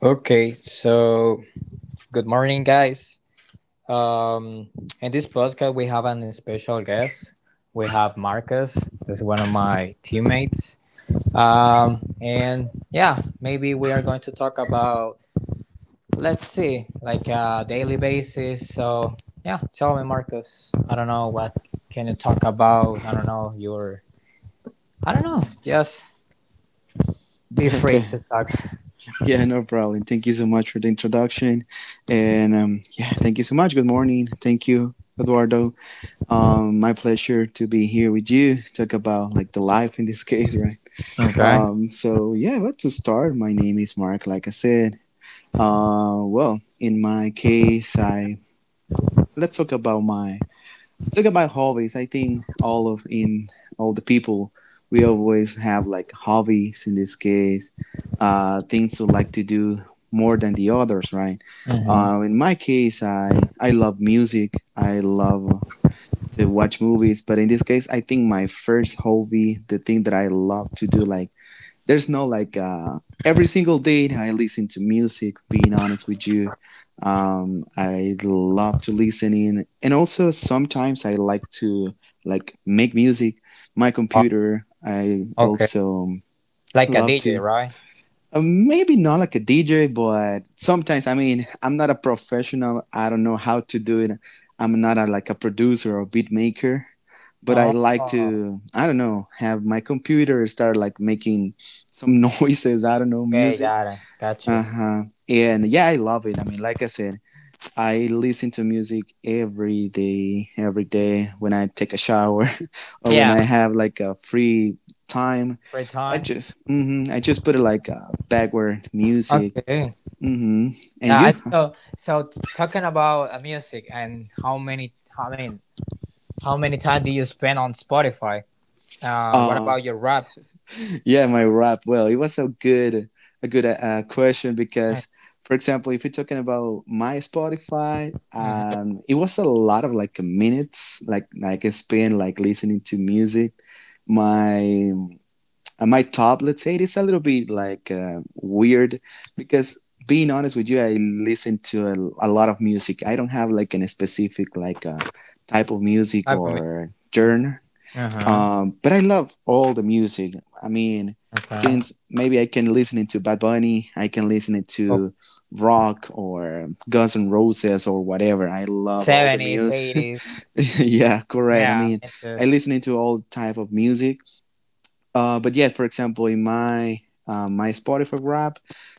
Okay, so good morning, guys. Um, in this podcast, we have an special guest. We have Marcus, that's one of my teammates. And yeah, maybe we are going to talk about, let's see, like a daily basis. So yeah, tell me, Marcus. I don't know what can you talk about. I don't know. Just be free Okay. to talk. Yeah, no problem. Thank you so much for the introduction. And yeah, thank you so much. Good morning. Thank you, Eduardo. My pleasure to be here with you. Talk about like the life in this case, right? Okay. So yeah, but to start, my name is Mark, like I said. Well, in my case, I let's talk about my talk about hobbies. I think all of in all the people we always have like hobbies in this case, things we like to do more than the others, right? Mm-hmm. In my case, I love music, I love to watch movies. But in this case, I think my first hobby, the thing that I love to do, like there's no like every single day I listen to music. Being honest with you, I love to listen in, and also sometimes I like to like make music. My Uh, computer, I okay. also Like a love DJ, to right? Maybe not like a DJ, but sometimes, I mean, I'm not a professional. I don't know how to do it. I'm not a, like a producer or beat maker, but I like Oh. to, I don't know, have my computer start like making some noises. I don't know, Okay, music. got it. Got you. Uh huh. And yeah, I love it. I mean, like I said, I listen to music every day when I take a shower or when Yeah, I have like a free time. free time. I just put it like backward music. Okay. hmm And Yeah, I you? so so t- talking about music and how many time do you spend on Spotify? What Uh, about your rap? yeah, my rap. Well, it was a good, question Uh, because, for example, if you're talking about my Spotify, Mm-hmm. It was a lot of like minutes, like I spent like listening to music. My And my top, let's say, it is a little bit like weird because, being honest with you, I listen to a lot of music. I don't have like an specific like type of music Type of or music. genre, Uh huh. But I love all the music. I mean, Okay. since maybe I can listen to Bad Bunny, I can listen Okay. to rock or Guns N' Roses or whatever. I love all the Seventies, music. eighties. Yeah, correct. I Yeah. mean, Me too. I listen to all type of music, but yeah, for example, in my Spotify rap,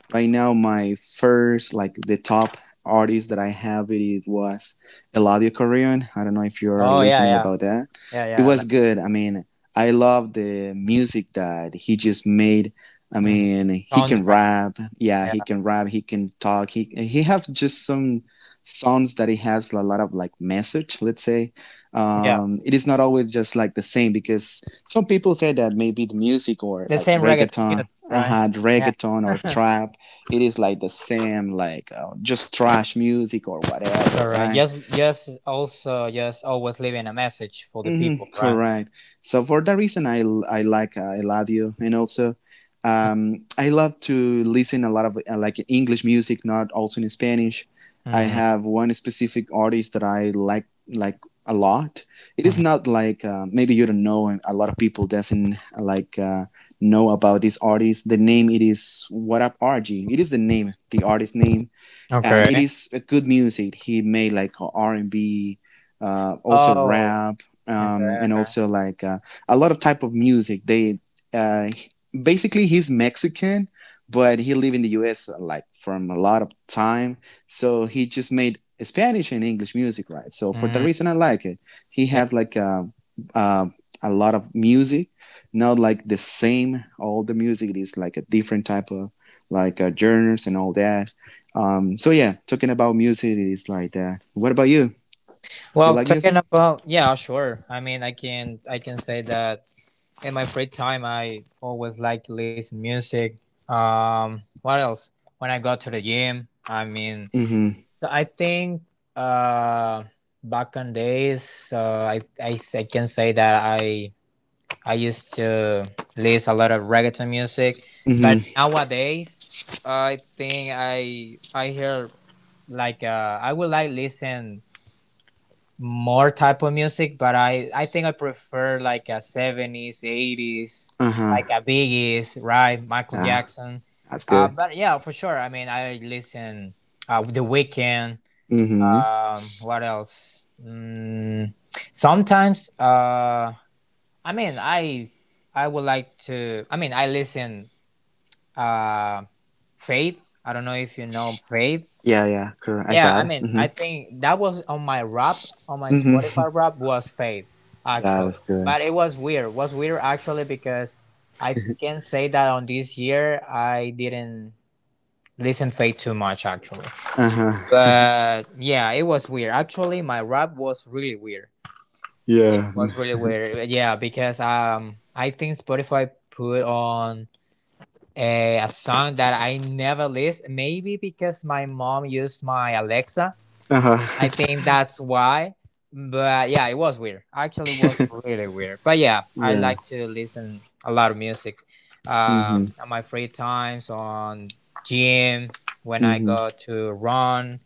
right now my first like the top artist that I have, it was Eladio Carrion. I don't know if you're Oh, yeah, listening yeah, about that. yeah, It yeah. was Like good. I mean, I love the music that he just made. I mhm. mean, he can soundtrack. rap. Yeah, Yeah, he can rap. He can talk. He have just some songs that he has a lot of like message. Let's say, yeah. It is not always just like the same because some people say that maybe the music or The like same reggaeton reggaeton, music, right? uh Yeah. reggaeton or trap, it is like the same, like just trash music or whatever, Correct. right? Yes. Yes. Also, yes. Always leaving a message for the people, Mhm, right? correct. So for that reason, I like Eladio, and also I love to listen a lot of like English music, not also in Spanish. I Mm-hmm. have one specific artist that I like a lot. It is hmm not like, maybe you don't know, and a lot of people doesn't like know about this artist. The name it is What Up RG. It is the name, the artist name, and it Okay. is a good music. He made like R&B, also Oh. rap, Okay. And Okay. also like a lot of type of music. They uh, basically he's Mexican, but he lived in the U.S. Like from a lot of time, so he just made Spanish and English music, right? So for that Mm, reason I like it, he yeah. have like uh, a lot of music, not like the same. All the music is like a different type of like genres and all that, so yeah, talking about music, it is like that. What about you? You Well, like talking music? about yeah, sure. I mean, I can say that in my free time, I always like to listen music. What else? When I go to the gym, Mm-hmm. I think uh back in days, I can say that I used to listen a lot of reggaeton music, but Mm-hmm. nowadays I think I hear like I would like listen more type of music, but I think I prefer like a seventies, eighties, Uh-huh. like a Biggie's, right? Michael Yeah, Jackson. that's Uh, good. but yeah, for sure. I mean, I listen The Weeknd. Mm-hmm. What else? Sometimes uh I mean, I I would like to. I mean, I listen uh Faith. I don't know if you know Faith. Yeah, yeah, correct. I Yeah, got I it. mean, I Mm-hmm. think that was on my rap on my Mm-hmm. Spotify rap was Faith Yeah, actually, that's good. but it was weird. It was weird actually because I can say that on this year I didn't listen Faith too much actually. Uh-huh. But yeah, it was weird. Actually, my rap was really weird. It Yeah. was really weird. Yeah, because I think Spotify put on a song that I never list. Maybe because my mom used my Alexa. Uh-huh. I think that's why. But yeah, it was weird. Actually, it was really weird. But yeah, I Yeah. like to listen a lot of music Mm-hmm. on my free times, on gym, when I Mm-hmm. go to run.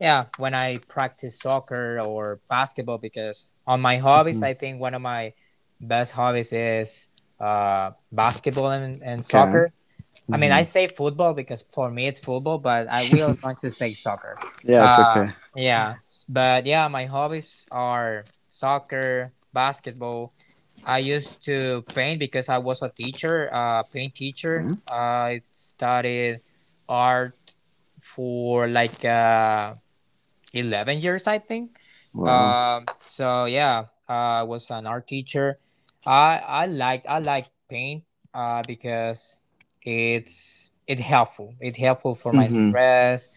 Yeah, when I practice soccer or basketball, because on my hobbies, Mm-hmm. I think one of my best hobbies is basketball and Okay. soccer. I mean, Mm-hmm. I say football because for me it's football, but I will going to say soccer. Yeah, it's okay. Uh, but yeah, my hobbies are soccer, basketball. I used to paint because I was a teacher, paint teacher. Okay. I studied art for like 11 years, I think. Um, Wow. uh, so yeah, I was an art teacher. I like paint because it's it helpful. It helpful for my Mm-hmm. stress.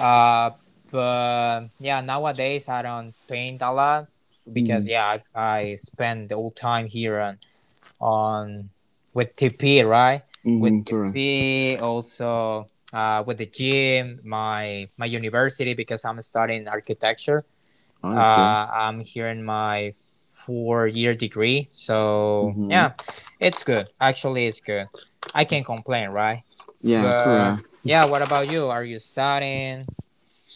Uh, but yeah, nowadays I don't paint a lot Mm-hmm. because yeah, I spend the whole time here and on with TP, right? With Mm-hmm. Correct. TP, also with the gym, my university because I'm studying architecture. Oh, that's good. I'm here in my 4-year degree, so Mm-hmm. yeah, it's good. Actually, it's good. I can't complain, right? Yeah, But correct. yeah, what about you? Are you studying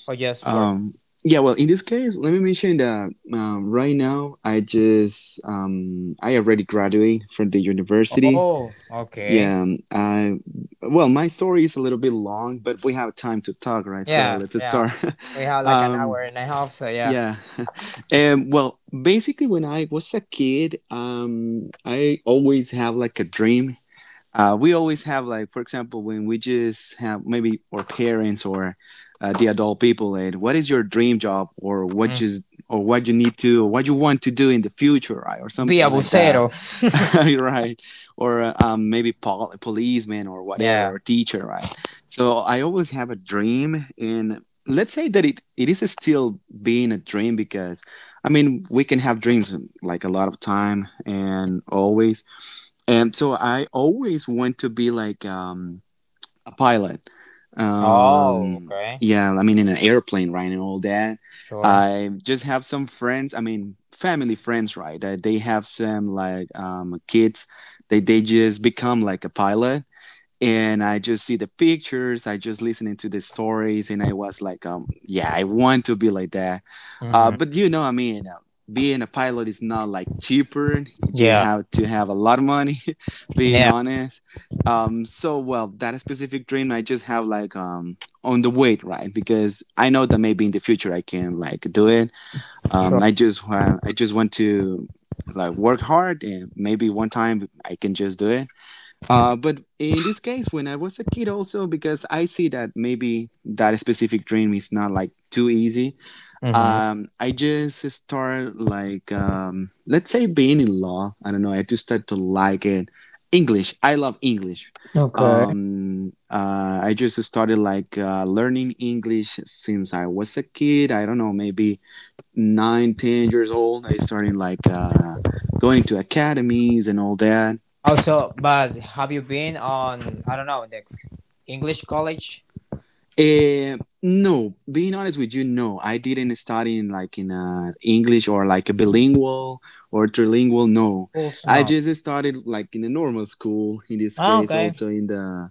or just work? Um, yeah, well, in this case, let me mention that, right now, I already graduated from the university. Oh, okay. Yeah, I well, my story is a little bit long, but we have time to talk, right? So Yeah, let's yeah. start. We have like an um, hour and a half, so yeah. yeah, and well, basically, when I was a kid, I always have like a dream. We always have like, for example, when we just have maybe our parents or the adult people, and what is your dream job, or Mm. What you want to do in the future, right? Or Be something a like that, bucero. right? Or maybe policeman or whatever Yeah. or teacher, right? So I always have a dream, and let's say that it is still being a dream because I mean we can have dreams like a lot of time and always, and so I always want to be like a pilot. Oh, okay. Yeah, I mean, in an airplane, right, and all that. Sure. I just have some friends. I mean, family friends, right? They have some like kids. They just become like a pilot, and I just see the pictures, I just listening to the stories, and I was like, yeah, I want to be like that. Hmm But you know, I mean, being a pilot is not like cheaper. You Yeah. have to have a lot of money, being Yeah. honest. So well, that specific dream, I just have like, on the wait, right? Because I know that maybe in the future I can like do it. Sure. I just want to like work hard and maybe one time I can just do it, but in this case, when I was a kid, also because I see that maybe that specific dream is not like too easy, Mm-hmm. I just start like, let's say being in law. I don't know. I just start to like it. English. I love English. Okay. I just started like learning English since I was a kid. I don't know, maybe 9, 10 years old. I started like going to academies and all that. Also, but have you been on, I don't know, the English college Uh no, being honest with you, no, I didn't study in like in English or like a bilingual or trilingual. No, schools? I No. just started like in a normal school. In this Oh, case, okay. also in the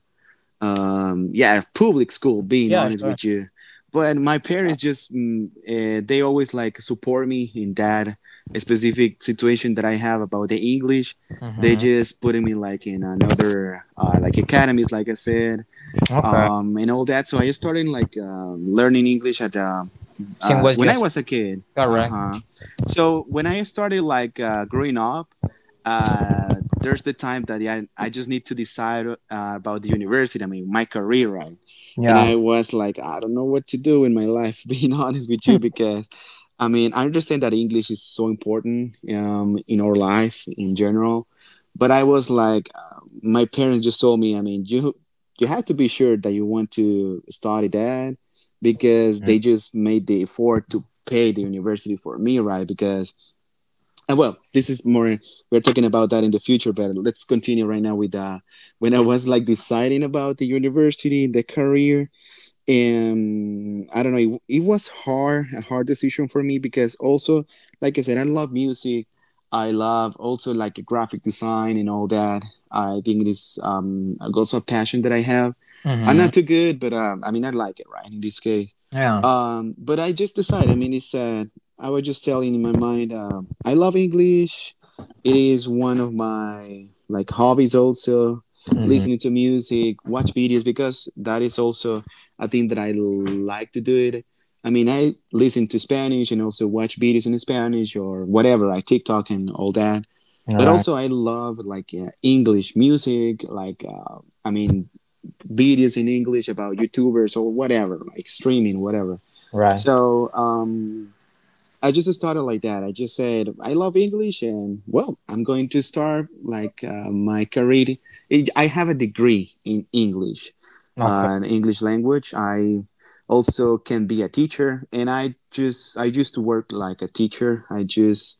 yeah, public school. Being Yeah, honest sure. with you, but my parents just they always like support me in that specific situation that I have about the English. They Mm-hmm. just putting me like in another like academies, like I said, Okay. And all that. So I started like learning English at, Same was when I just was a kid. Uh correct. huh. So when I started like growing up, there's the time that I just need to decide about the university. I mean, my career, right? And Yeah. I was like, I don't know what to do in my life. Being honest with you, because I mean, I understand that English is so important in our life in general, but I was like, my parents just told me, I mean, you have to be sure that you want to study that because they just made the effort to pay the university for me, right? Because, and well, this is more we're talking about that in the future, but let's continue right now with, when I was like deciding about the university, the career, I don't know, it was hard decision for me because, also like I said, I love music, I love also like graphic design and all that. I think it is also a passion that I have. I'm Mm-hmm. not too good, but I mean, I like it, right? In this case, Yeah. But I just decided, I mean, it's I was just telling in my mind, I love English. It is one of my like hobbies, also Mm-hmm. listening to music, watch videos, because that is also, I think, that I like to do it. I mean, I listen to Spanish and also watch videos in Spanish or whatever, I TikTok and all that. But Right. also, I love like English music, like I mean, videos in English about YouTubers or whatever, like streaming, whatever. Right. So I just started like that. I just said I love English, and well, I'm going to start like my career. I have a degree Okay. In English language. I also can be a teacher, and I used to work like a teacher. I just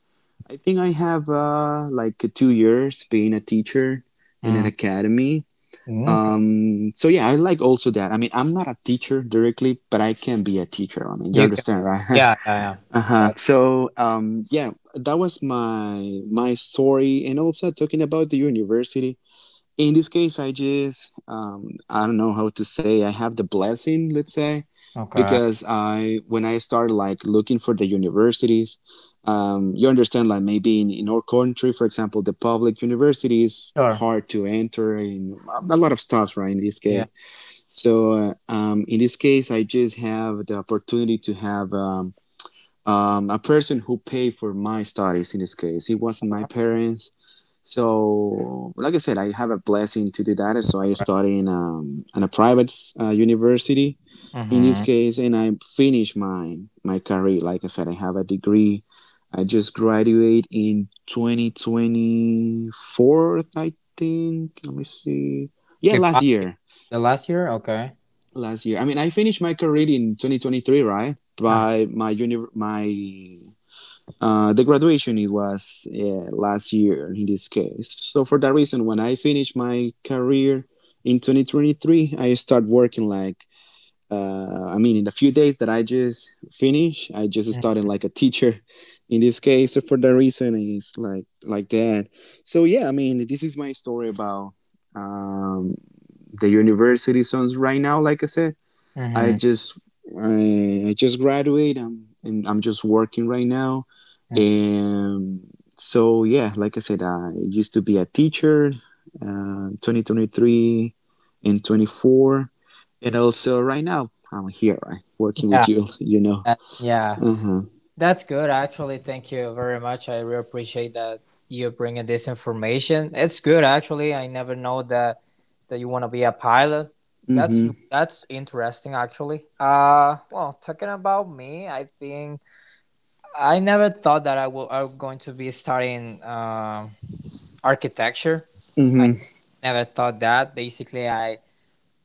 I think I have like 2 years being a teacher in an mm academy. Okay. So yeah, I like also that. I mean, I'm not a teacher directly, but I can be a teacher. I mean, you You can. understand, right? Yeah. Yeah. Yeah. Uh-huh. Gotcha. So yeah, that was my story, and also talking about the university. In this case, I just I don't know how to say. I have the blessing, let's say, Okay. because I when I started like looking for the universities, you understand like maybe in, our country, for example, the public university is Sure. hard to enter, and a lot of stuff, right? In this Yeah. case, so in this case, I just have the opportunity to have a person who paid for my studies in this case. It wasn't my All parents. So, like I said, I have a blessing to do that. So I right. study in a private university in this Mm-hmm. case, and I finished my career. Like I said, I have a degree. I just graduated in 2024, I think. Let me see. Yeah, The last past year? year. The last year? Okay. Last year. I mean, I finished my career in 2023, right? Uh, By my uni, my the graduation it was last year in this case. So for that reason, when I finished my career in 2023, I start working like I mean, in a few days that I just finished, I just started like a teacher in this case. So for that reason, it's like that. So yeah, I mean, this is my story about um, the university songs right now. Like I said, I mm-hmm. just I just graduated. I'm just working right now, hmm and so yeah, like I said, I used to be a teacher, 2023 and 24, and also right now I'm here, right, working Yeah. with you. You know. That, yeah. Uh huh. That's good, actually. Thank you very much. I really appreciate that you bringing this information. It's good, actually. I never know that you want to be a pilot. That's Mhm. that's interesting, actually. Well, talking about me, I think I never thought that I'm going to be studying architecture. I Mhm. never thought that. Basically, I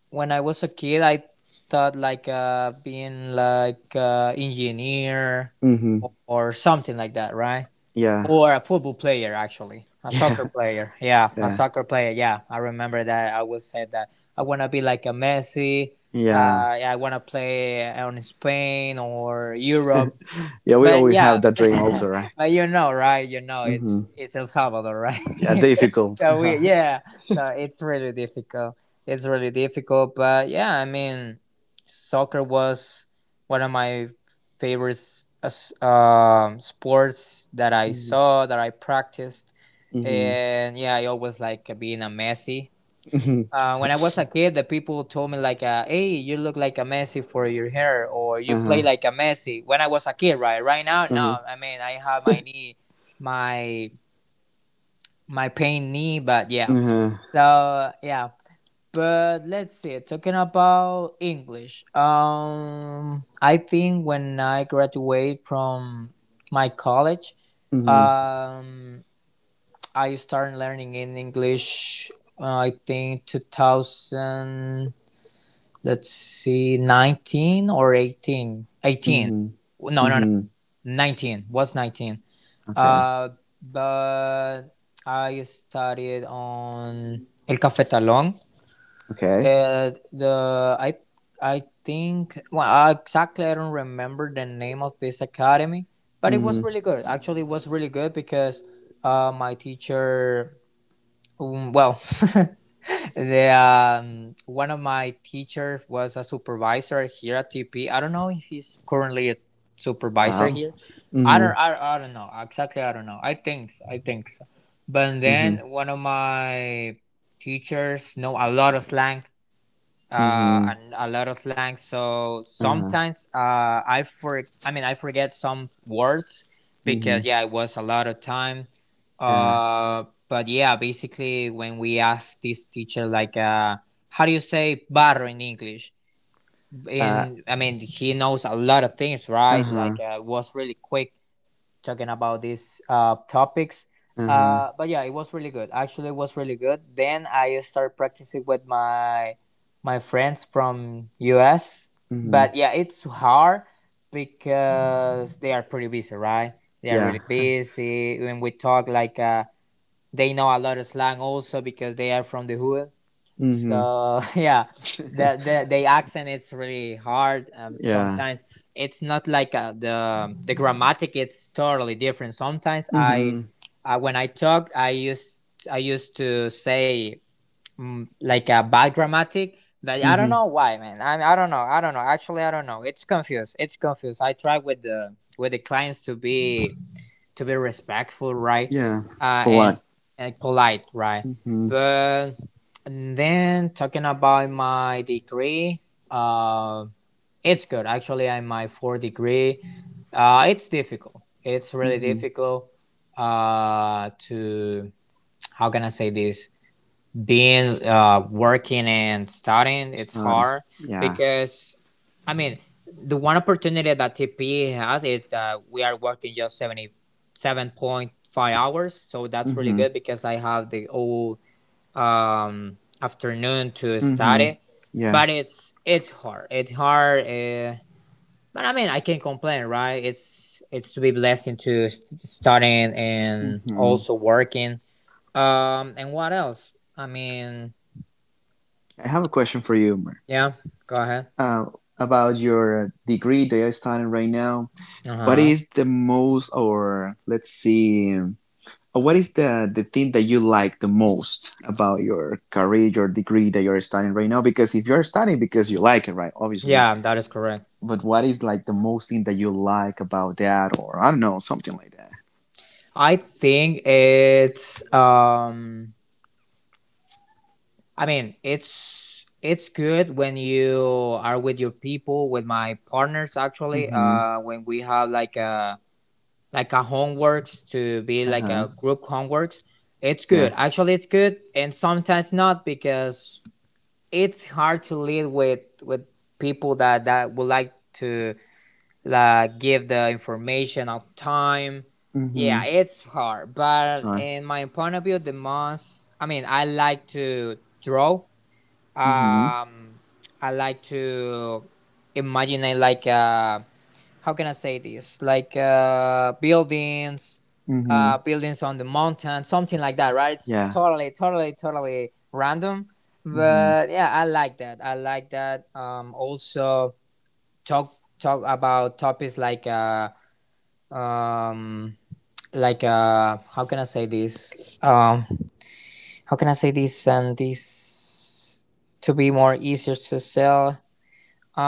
when I was a kid, I thought like being like engineer Mhm. or something like that, right? Yeah. Or a football player, actually, a Yeah. soccer player. Yeah, a Yeah. soccer player. Yeah, I remember that. I was said that I want to be like a Messi. Uh, Yeah. I want to play on Spain or Europe. Yeah. We But always yeah, have that dream, also, right? but you know, right? You know, it's Mhm. it's El Salvador, Yeah. right? Difficult. so we, yeah, so it's really difficult. It's really difficult, but yeah, I mean, soccer was one of my favorite sports that I Mhm. saw that I practiced, Mhm. and yeah, I always like being a Messi when I was a kid, the people told me like, "Hey, you look like a Messi for your hair, or you Uh play huh. like a Messi." When I was a kid, right? Right now, Uh huh. no. I mean, I have my knee, my my pain knee, but yeah. Mhm. So yeah, but let's see. Talking about English, I think when I graduate from my college, Mhm. um, I started learning in English. I think 2000. Let's see, 19 or 18? 18. Mhm. No, no, no. Mhm. 19. Was 19. Okay. Uh, but I started on El Cafetalón. Okay. The I think well I exactly I don't remember the name of this academy, but it was Mhm. really good. Actually, it was really good because my teacher well, the one of my teachers was a supervisor here at TP. I don't know if he's currently a supervisor Wow. here. Mhm. I don't know exactly. I don't know. I think. So, I think so. But Mhm. then one of my teachers know a lot of slang, Mhm. and a lot of slang. So Uh. sometimes I forget some words because Mhm. yeah, it was a lot of time. Yeah. But yeah, basically when we asked this teacher like how do you say barro in English? Uh. In I mean he knows a lot of things, Uh right? Like huh. It was really quick talking about these topics. Uh Uh, huh. but yeah, it was really good. Actually, it was really good. Then I started practicing with my friends from US. Mhm. But yeah, it's hard because they are pretty busy, right? They are Yeah. really busy. When we talk, like they know a lot of slang also because they are from the hood, Mhm. so yeah, the accent is really hard. Yeah. Sometimes it's not like the grammatic. It's totally different. Sometimes Mhm. When I talk, I used to say like a bad grammatic, but I don't Mhm. know why, man. I mean, I don't know. I don't know. Actually, I don't know. It's confused. It's confused. I try with the clients to be respectful, right? Yeah. Uh, and Blank. and polite, right? Mhm. But and then talking about my degree, uh, it's good actually. I'm my fourth degree. It's difficult. It's really Mhm. difficult. To how can I say this? Being working and studying it's Starting. hard Yeah. because I mean the one opportunity that TP has is that we are working just 77.5 hours, so that's really good Mhm. because I have the whole afternoon to Mhm. study. Yeah. But it's hard, but I mean I can't complain, right? It's to be blessed into studying and Mhm. also working, and what else. I mean, I have a question for you, Mer. yeah, go ahead. Uh, about your degree that you're studying right now. Uh What huh. is the most, or let's see, what is the thing that you like the most about your career, your degree that you're studying right now? Because if you're studying because you like it, right? Obviously, Yeah, that is correct. but what is like the most thing that you like about that, or I don't know, something like that. I think it's I mean it's good when you are with your people, with my partners actually, Mm-hmm. When we have like a homeworks to be Uh like huh. a group homeworks. It's good. Yeah. Actually it's good, and sometimes not because it's hard to lead with people that would like to like give the information on time. Mm-hmm. Yeah, it's hard, but Sorry. in my point of view, the most I mean, I like to draw. Mm-hmm. Um, I like to imagine it like how can I say this? Like buildings, Mm-hmm. Buildings on the mountain, something like that, right? It's Yeah. totally, totally, totally random, Mm-hmm. but yeah, I like that. I like that. Also talk talk about topics like um how can I say this, um how can I say this and this to be more easier to sell,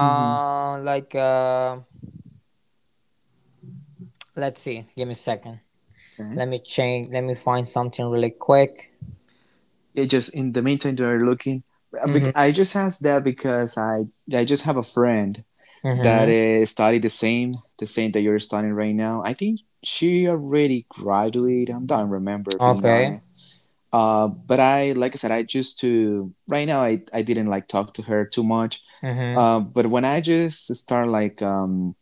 Mm-hmm. like let's see, give me a second, let Okay. me change, let me find something really quick. Yeah, just in the meantime, they are looking. Mhm. I just asked that because I just have a friend that Mhm. Studied the same that you're studying right now. I think she already graduated. I don't remember being on Okay. it. But I like I said, I just to right now I didn't like talk to her too much. Mhm. But when I just start like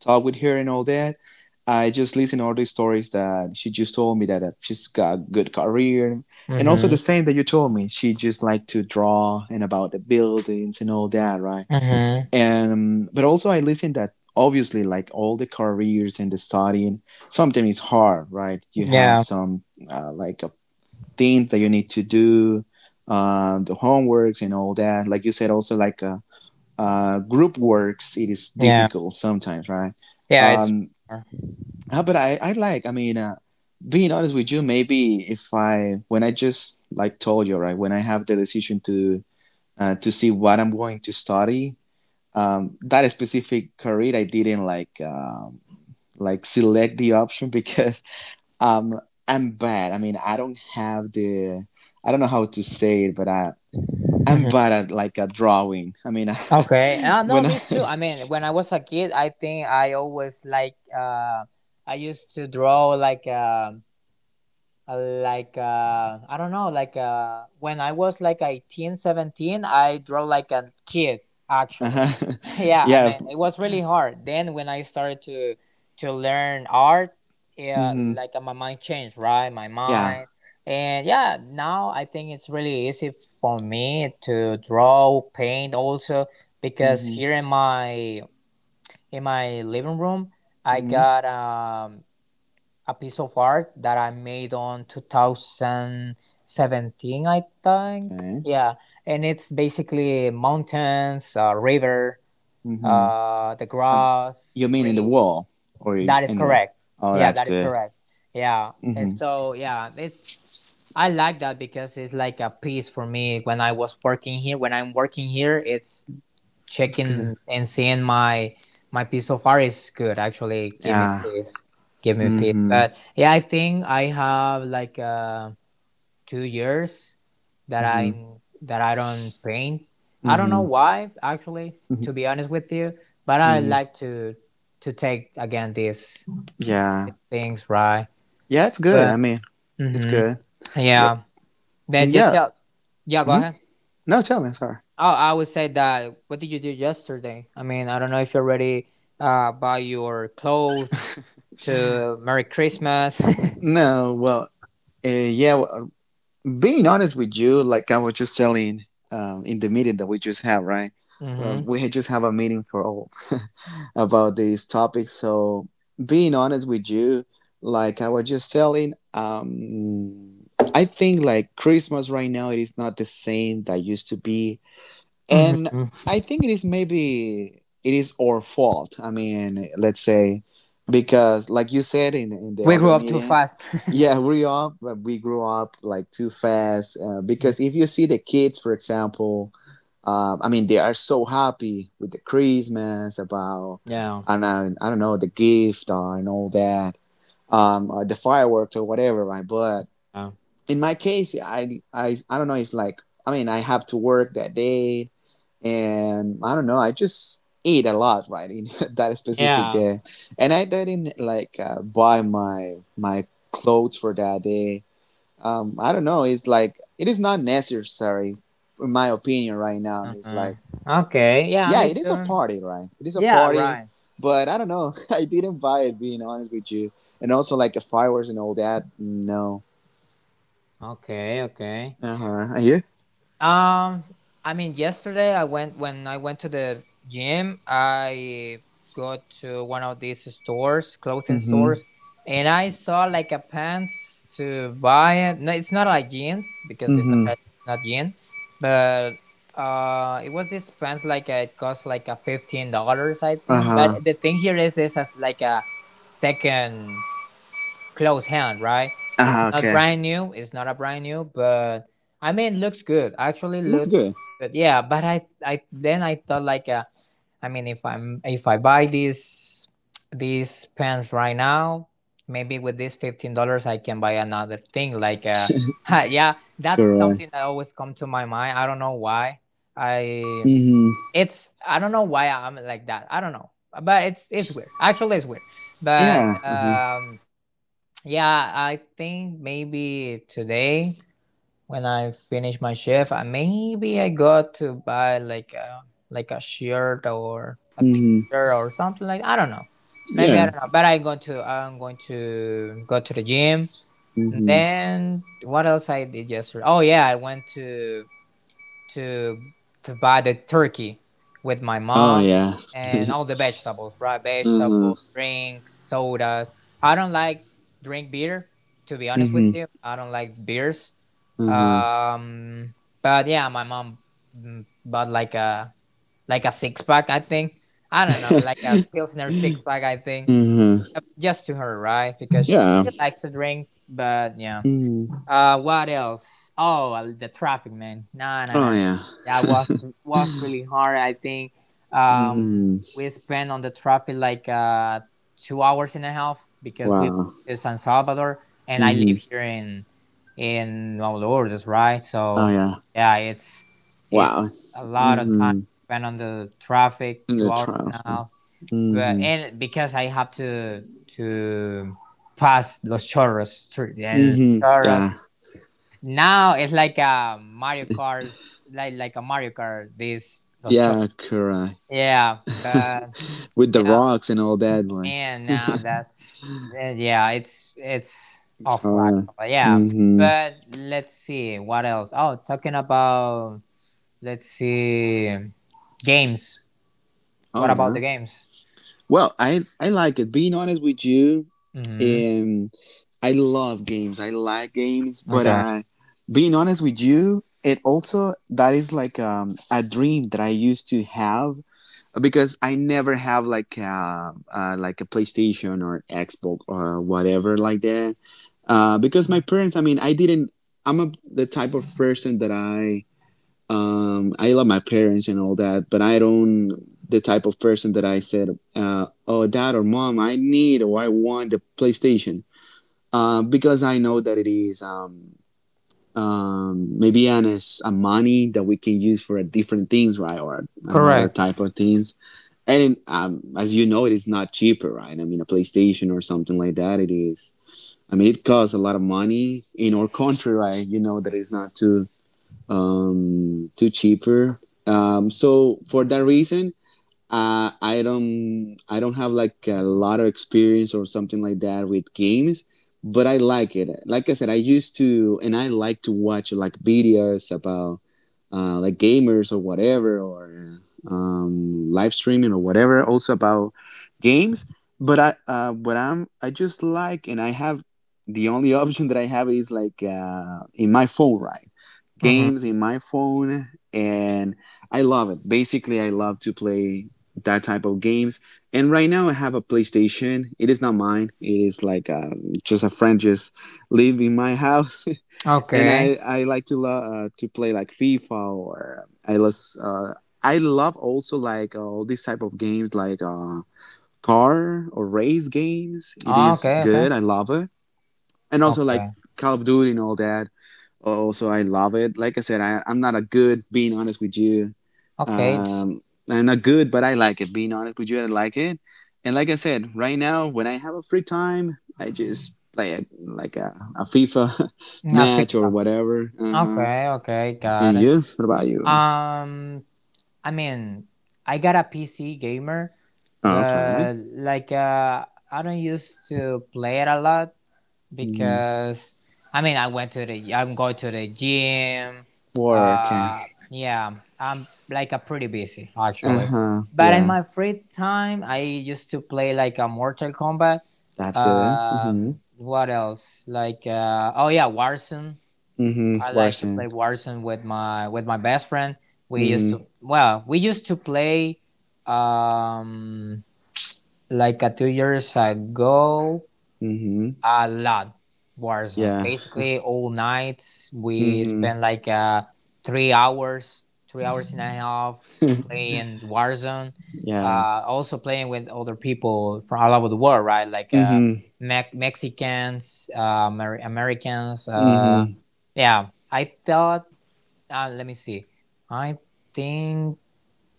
talk with her and all that. I just listen all the stories that she just told me that she's got a good career, and also Mhm. the same that you told me. She just like to draw and about the buildings and all that, right? Mhm. And but also I listen that obviously like all the careers and the studying, sometimes it's hard, right? You have Yeah. some uh, like uh, things that you need to do, the homeworks and all that. Like you said, also like group works, it is Yeah. difficult sometimes, right? Yeah. It's. Um, mhm but I like, I mean, being honest with you, maybe if when I just like told you, right, when I have the decision to see what I'm going to study, that specific career, I didn't like select the option because, um, I'm bad. I mean, I don't have the, I don't know how to say it, but I'm bad at like a drawing. I mean, Okay. No, when I, me too. I mean, when I was a kid, I think I always I used to draw like, I don't know, like when I was like 18, 17, I draw like a kid actually. uh-huh. Yeah, I Yeah, mean, it was really hard. Then when I started to learn art, yeah, mm-hmm, my mind changed, right? My yeah, mind. And yeah, now I think it's really easy for me to draw, paint, also because mm-hmm, here in my living room I mm-hmm, got a piece of art that I made on 2017, I think. okay, Yeah, and it's basically mountains, river, mm-hmm. The Um, grass, you mean in the trees. wall or in That is the? correct. Oh, Yeah, that's that is good. correct. Yeah, and Mm-hmm. so yeah, it's, I like that because it's like a piece for me when I was working here. When I'm working here, it's It's good. checking and seeing my piece of art is good. Actually, give me Yeah. peace, give me peace. Mm-hmm. But yeah, I think I have 2 years that I Mm-hmm. that I don't paint. I don't know Mm-hmm. why, actually, mm-hmm. to be honest with you. But I Mm-hmm. like to take again these Yeah. things, right? Yeah, it's good. I But mean, it's hmm, good. Yep. yeah. And But just yeah. tell. Yeah, go Mm-hmm. ahead. No, tell me. Sorry. Oh, I would say that. What did you do yesterday? I mean, I don't know if you already buy your clothes to Merry Christmas. No. Well. Yeah. Well, being honest with you, like I was just telling in the meeting that we just had, right? Hmm We just have a meeting for all. About these topics. So being honest with you, like I was just telling, I think like Christmas right now it is not the same that used to be and hmm. I think it is maybe it is our fault. I mean, let's say because like you said in the We grew other up too meeting, fast. yeah, we up we grew up like too fast. Mm, Because if you see the kids, for example, I mean, they are so happy with the Christmas about yeah. and I don't know the gift or, and all that, or the fireworks or whatever, right? But Yeah. in my case, I don't know. It's like I mean, I have to work that day and I don't know, I just eat a lot, right, in that specific Yeah. day, and I didn't like buy my clothes for that day. I don't know, it's like it is not necessary, in my opinion, right now. It's Uh-huh. like Okay. Yeah, yeah, me it is a too. party, right? It is a Yeah. party, Right. but I don't know, I didn't buy it, being honest with you, and also like fireworks and all that. No, Okay. Okay. uh huh. Are you? Um, I mean, yesterday I went, when I went to the gym, I got to one of these stores, clothing Mm-hmm. stores, and I saw like a pants to buy it. No, it's not like jeans because it's Mm-hmm. Not jean, but it was this pants it cost like a $15, I Uh think. huh. But the thing here is this has like a second close hand, right? Uh It's huh. not Okay. brand new. It's not a brand new, but I mean, looks good. Actually, That's looks good. good. Yeah, but I then I thought I mean, if I'm if I buy these pants right now, maybe with this $15 I can buy another thing. Yeah, that's Correct. something that always come to my mind. I don't know why. I Mm-hmm. I don't know why I'm like that. I don't know, but it's weird. Actually, it's weird, but Yeah. Uh-huh. Yeah, I think maybe today when I finish my shift, I got to buy like a shirt or a Mm-hmm. t-shirt or something like I don't know. Maybe I Yeah. don't know, but I'm going to go to the gym. And Mm-hmm. then what else I did yesterday? Oh yeah, I went to to buy the turkey with my Oh mom yeah. and all the vegetables, right? Uh-huh. Vegetables, drinks, sodas. I don't like drink beer, to be honest with Mm-hmm. you. I don't like beers. Uh-huh. Um, but yeah, my mom bought like a six pack, I think. I don't know, like a pilsner six pack, I think, Mm-hmm. Just to her, right? Because she Yeah. likes to drink, but yeah. Mm-hmm. What else? Oh, the traffic, man. No, no, Oh no, no. yeah. That was really hard. I think um Mm-hmm. we spent on the traffic 2 hours and a half because we went Wow. to San Salvador and I Mm-hmm. live here in Honduras, right? Oh So yeah. yeah, it's Wow. a lot of time Mm-hmm. spent on the traffic, In two the hours trial and a film. half. But Mm-hmm. and because I have to pass Los Chorros through- and Mm-hmm. Los, Yeah. now it's like a Mario Kart, like a Mario Kart. This those chor. Yeah, correct. Yeah, but With the yeah, rocks and all that, like man. Now that's eh, yeah. It's it's awful hard. actually. Yeah, Mm-hmm. but let's see what else. Oh, talking about, let's see, games. Oh What about the yeah. games? Well, I like it. Being honest with you, Mm-hmm. um, I love games. I like games, but Okay. I, being honest with you, it also that is like a dream that I used to have because I never have like a PlayStation or Xbox or whatever like that. Because my parents, I mean, I didn't. I'm a, the type of person that I love my parents and all that, but I don't the type of person that I said, oh, dad or mom, I need or I want a PlayStation because I know that it is maybe an is a money that we can use for a different things, right, or another Correct. type of things. And as you know, it is not cheaper, right? I mean, a PlayStation or something like that, it is. I mean, it costs a lot of money in our country, right? You know that it's not too cheaper. So for that reason, I don't have like a lot of experience or something like that with games, but I like it. Like I said, I used to and I like to watch like videos about like gamers or whatever or live streaming or whatever, also about games. But I but I just like and I have the only option that I have is like in my phone, right? Mm-hmm. Games in my phone and I love it. Basically, I love to play that type of games. And right now I have a PlayStation. It is not mine. It is like just a friend just live in my house. And Okay. I like to to play like FIFA or uh, I love also like all these type of games like car or race games. It Oh, is okay. Okay. good. I love it. And also like Okay. Call of Duty and all that. Also, I love it. Like I said, I'm not a good, being honest with you. Okay. It's Um, I'm not good, but I like it. Being honest with you, I like it. And like I said, right now, when I have a free time, I just play like a FIFA not match or FIFA. whatever. Uh-huh. Okay. Okay. And Got it. you? What about you? Um, I mean, I got a PC gamer, Oh, okay. but I don't used to play it a lot Hmm. because I mean I'm going to the gym. Work. Uh, yeah, I'm like a pretty busy Uh actually. huh. But in Yeah, my free time, I used to play like a Mortal Kombat. that's good. Mm-hmm. What else? Oh yeah, Warzone. Mm-hmm. I like to play Worsen. Warzone with my best friend. Mm-hmm. We used to play um like a 2 years ago Mm-hmm. a lot Warzone. Yeah. Basically all nights we Mm-hmm. spend 3 hours, 3 hours and a half playing Warzone. Yeah. Uh, also playing with other people from all over the world, right? Mm-hmm. Mexicans, Americans, uh, Mm-hmm. yeah. I thought, let me see. I think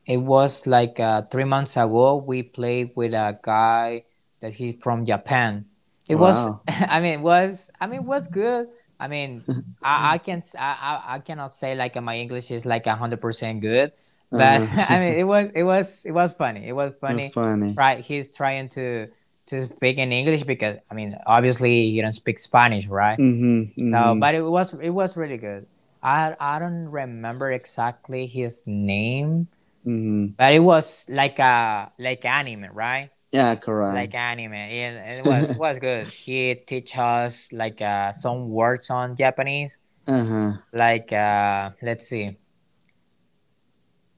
it was 3 months ago. We played with a guy that he's from Japan. It was, Wow. I mean, it was, I mean, it was good. I mean, I can, s- I cannot say my English is like 100% good, but I Uh-huh. mean, it was, it was, it was funny. It was That's funny. funny. Try, he's trying to speak in English because I mean, obviously, you don't speak Spanish, right? Mm-hmm. So, Mm-hmm. but it was, it was really good. I don't remember exactly his name, Mm-hmm. but it was like a, like anime, right? Yeah, correct. Like anime. It was good. He teach us some words on Japanese. Uh-huh. Let's see,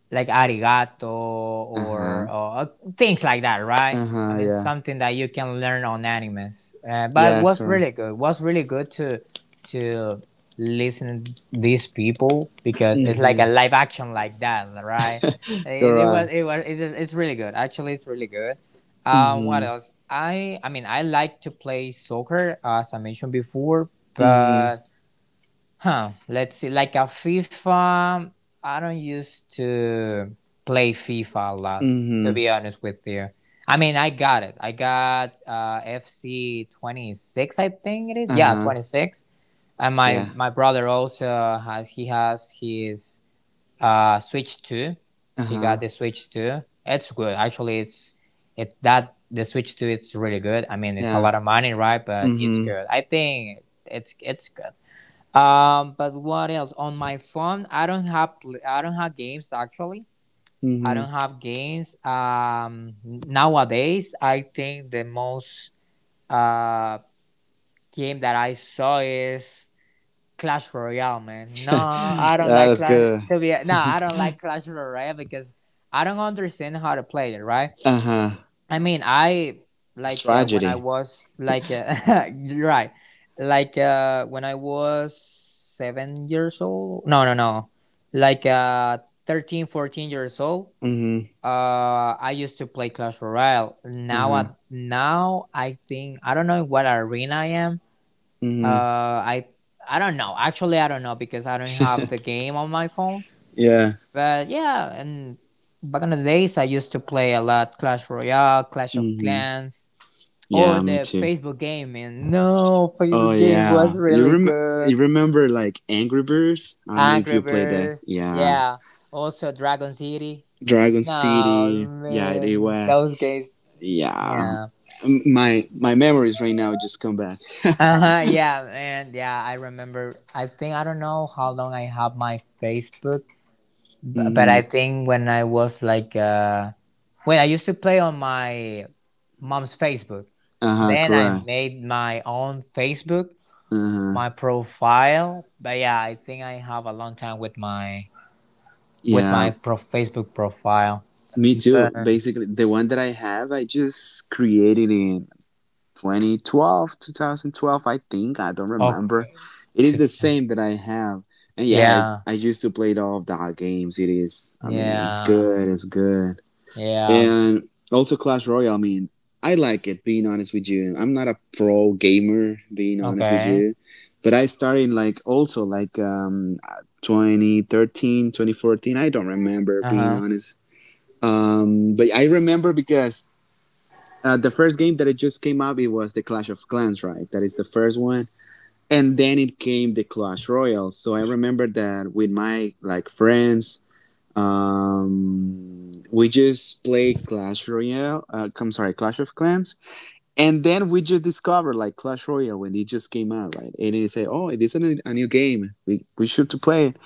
like arigato, Uh-huh. or things like that, right? I Uh-huh, mean, yeah. something that you can learn on animes. But Yeah, was correct. really good. Was really good to listen to these people because it's like a Mm-hmm. live action like that, right? Correct. It's really good. Actually, it's really good. What Mm-hmm. else? I mean, I like to play soccer as I mentioned before, Mm-hmm. but huh. Let's see. Like a FIFA, I don't used to play FIFA a lot. To Mm-hmm. be honest with you, I mean, I got it. I got FC 26, I think it is. Yeah, Uh-huh. 26. And my Yeah. my brother also has. He has his Switch two. He got Uh-huh. the Switch two. It's good. Actually, it's it that the Switch two. It's really good. I mean, it's a Yeah. lot of money, right? But it's Mm-hmm. good. I think it's good. But what else? On my phone, I don't have games actually. I Mm-hmm. don't have games. Nowadays, I think the most uh game that I saw is Clash Royale. Man, no, I don't Yeah, like that's Clash. good. To be, no, I don't like Clash Royale because I don't understand how to play it. Right? Uh-huh. I mean, I It's like when I tragedy. was you're right, when I was 7 years old. No, no, no, like uh, 13, 14 years old. Mm-hmm. I used to play Clash Royale. Now, Uh-huh. I think I don't know in what arena I am. Uh, Mm-hmm. I I don't know. Actually, I don't know because I don't have the game on my phone. Yeah. But yeah, and back in the days, I used to play a lot Clash Royale, Clash of Mm-hmm. Clans, or Yeah, me the too. Facebook game, man. No, Oh Facebook game was yeah. You really rem good. you remember like Angry Birds? I don't know if Angry you played that. Birds, Yeah. yeah. Also Dragon City. Dragon No, City, yeah, the man, West, those games, yeah. yeah. My memories right now just come back. Uh huh. Yeah, and yeah, I remember. I think I don't know how long I have my Facebook, but Hmm. I think when I was like, when I used to play on my mom's Facebook, Uh huh. then I Correct. made my own Facebook, Uh my huh. profile. But yeah, I think I have a long time with my Yeah. Facebook profile Me too. then. Basically, the one that I have, I just created in 2012, 2012, I think. I don't remember. Okay It is to, the same that I have. And yeah, I, yeah, I used to play all of the games. It is, I mean, yeah, good. It's good. yeah. And also Clash Royale, I mean, I like it, being honest with you. I'm not a pro gamer, being honest with Okay. you. But I started like also like 2013, 2014. I don't remember, being Uh-huh. honest. But I remember because the first game that it just came out, it was the Clash of Clans, right? That is the first one. And then it came the Clash Royale. So I remember that with my like friends, we just play Clash Royale. I'm sorry, Clash of Clans. And then we just discovered like Clash Royale when it just came out, right? And they say, oh, it isn't a new game. We should to play it.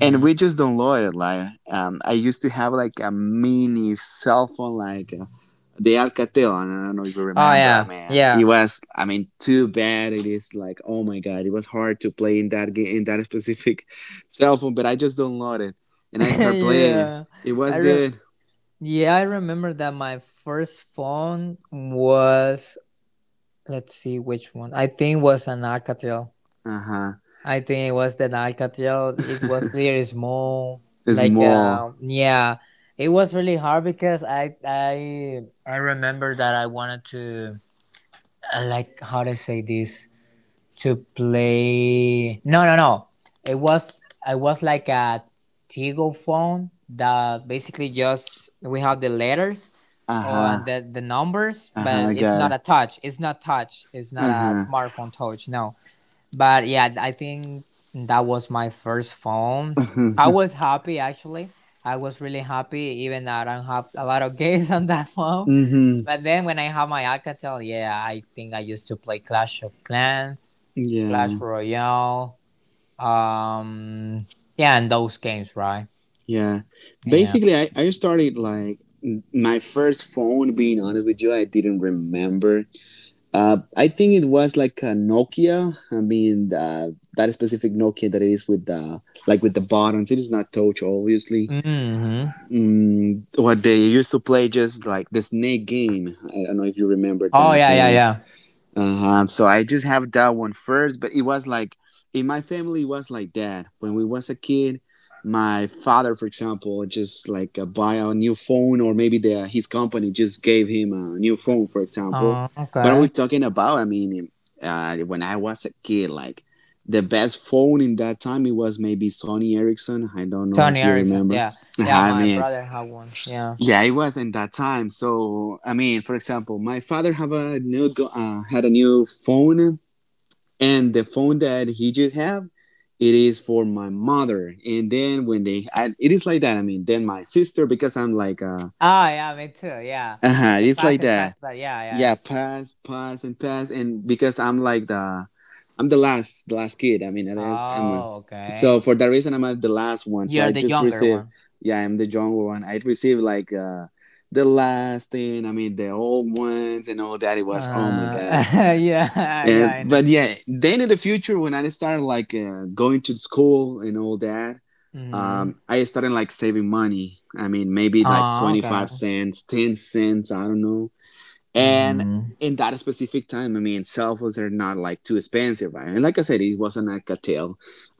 And we just downloaded it. I used to have like a mini cell phone, like the Alcatel. I don't know if you Oh remember, yeah, man. It yeah. was, I mean, too bad. It is like, oh my god, it was hard to play in that game in that specific cell phone. But I just downloaded it and I start playing. Yeah, It i was rem- good. yeah, I remember that my first phone was, let's see which one, I think was an Alcatel. Uh huh. I think it was the Alcatel. It was really small. It's more. Yeah, it was really hard because I remember that I wanted to like how to say this, to play. No, no, no. It was, I was like a Tigo phone that basically just we have the letters Uh or huh. and the numbers, Uh huh. but I it's got not it. a touch. It's not touch. It's not Uh a huh. smartphone touch. No, but yeah, I think that was my first phone. I was happy actually. I was really happy, even though I don't have a lot of games on that phone. Mhm. But then when I have my Alcatel, yeah, I think I used to play Clash of Clans, Clash Yeah. Royale, um, yeah, and those games, right? Yeah. Yeah. Basically, I started like my first phone. Being honest with you, I didn't remember. I think it was like a Nokia. That specific Nokia that it is with the like with the buttons. It is not touch, obviously. Mm-hmm. What they used to play just like the snake game. I don't know if you remember Oh that yeah, yeah, game. yeah. Uh-huh. So I just have that one first, but it was like in my family it was like that. When we was a kid, my father, for example, just like buy a new phone or maybe the his company just gave him a new phone, for example. Oh, But we're okay. talking about, I mean, when I was a kid, like the best phone in that time it was maybe Sony Ericsson. I don't know Sony if you Ericsson. remember. Yeah, yeah. I My mean, brother had one. Yeah. yeah, it was in that time. So, I mean, for example, my father have a new had a new phone, and the phone that he just have, it is for my mother. And then when they, I, it is like that. I mean, then my sister because I'm like, Oh, yeah, me too. Yeah. Like a it's pass like and pass, that. but yeah, yeah, yeah. Yeah, pass, pass, and pass, and because I'm like the I'm the last kid. I mean, that is, I'm a. Oh, So okay. for that reason, I'm the last one. So You're I the just younger received, one. yeah, I'm the younger one. I received like the last thing. I mean, the old ones and all that. It was, oh my Uh, god. yeah, yeah, And I know. but yeah, then in the future when I started like going to school and all that, Mm-hmm. I started like saving money. I mean, maybe like Oh, okay. 25¢, 10¢, I don't know. And Mm-hmm. in that specific time, I mean, cell phones are not like too expensive, right? And like I said, it wasn't like a tale.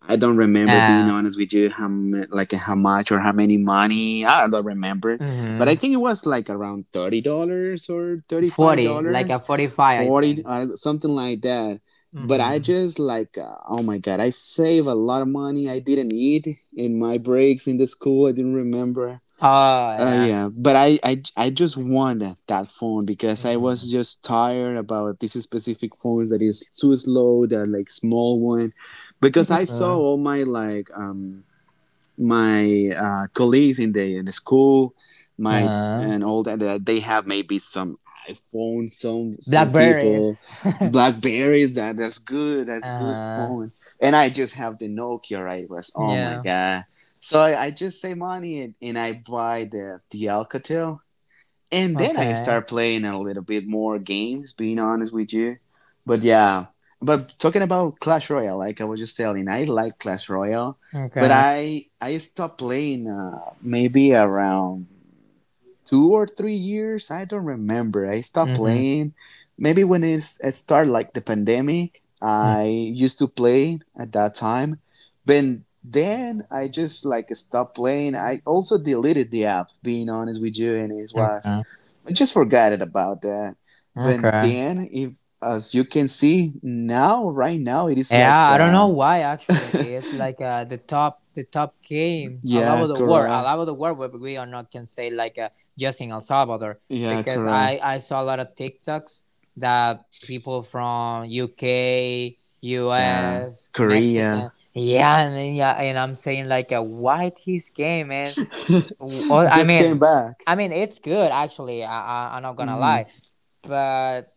I don't remember being Yeah. honest with you how like how much or how many money. I don't remember, but I Mm-hmm. think it was like around $30 or thirty five 40, like a dollars, 45, I forty think. Something like that. But I Mm-hmm. just like, oh my god, I save a lot of money. I didn't eat in my breaks in the school. I didn't remember Oh, yeah. yeah, but I just wanted that phone because I Mm-hmm. was just tired about these specific phones that is too slow, that like small one, because I saw Mm-hmm. all my like my colleagues in the school, my Uh-huh. and all that, that they have maybe some iPhone, some Blackberries. people, Blackberries. That's good. That's good uh-huh. phone. And I just have the Nokia. Right? it Was oh my Yeah. god. So I just save money and I buy the Alcatel and then I Okay. start playing a little bit more games. Being honest with you, but yeah. But talking about Clash Royale, like I was just telling, I like Clash Royale, but Okay. I stopped playing maybe around 2 or 3 years. I don't remember. I stopped Mm-hmm. playing maybe when it's, it started like the pandemic. Mm-hmm. I used to play at that time, but then I just like stopped playing. I also deleted the app. Being honest with you, and it was Okay. I just forgot it about that. But Okay. then, if as you can see now, right now, it is Yeah, like, I don't know why actually. It's like the top game all yeah, over the world, all correct, over the world where we are not, can say like just in El Salvador yeah, because correct, I saw a lot of TikToks that people from UK, yeah, US, Korea Mexican, yeah, and then, yeah, and I'm saying like why his game, man? W- I just came mean, back. I mean it's good actually. I'm not gonna Hmm. lie, but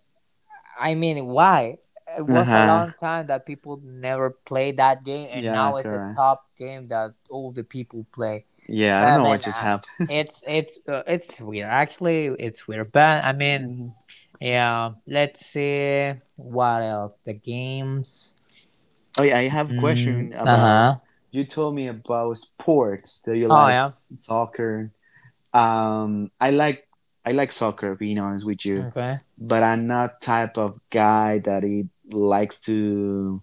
I mean, why? It Uh was a huh. long time that people never played that game, and Yeah, now it's a correct. top game that all the people play. Yeah, I don't I know what mean, just happened. it's weird. Actually, it's weird, but I mean, Hmm. yeah. Let's see what else. The games. Oh yeah, I have a Mm, question uh about. huh. You told me about sports that you Oh, like yeah. Soccer. Um, I like I like soccer, being honest with you, Okay. but I'm not type of guy that it likes to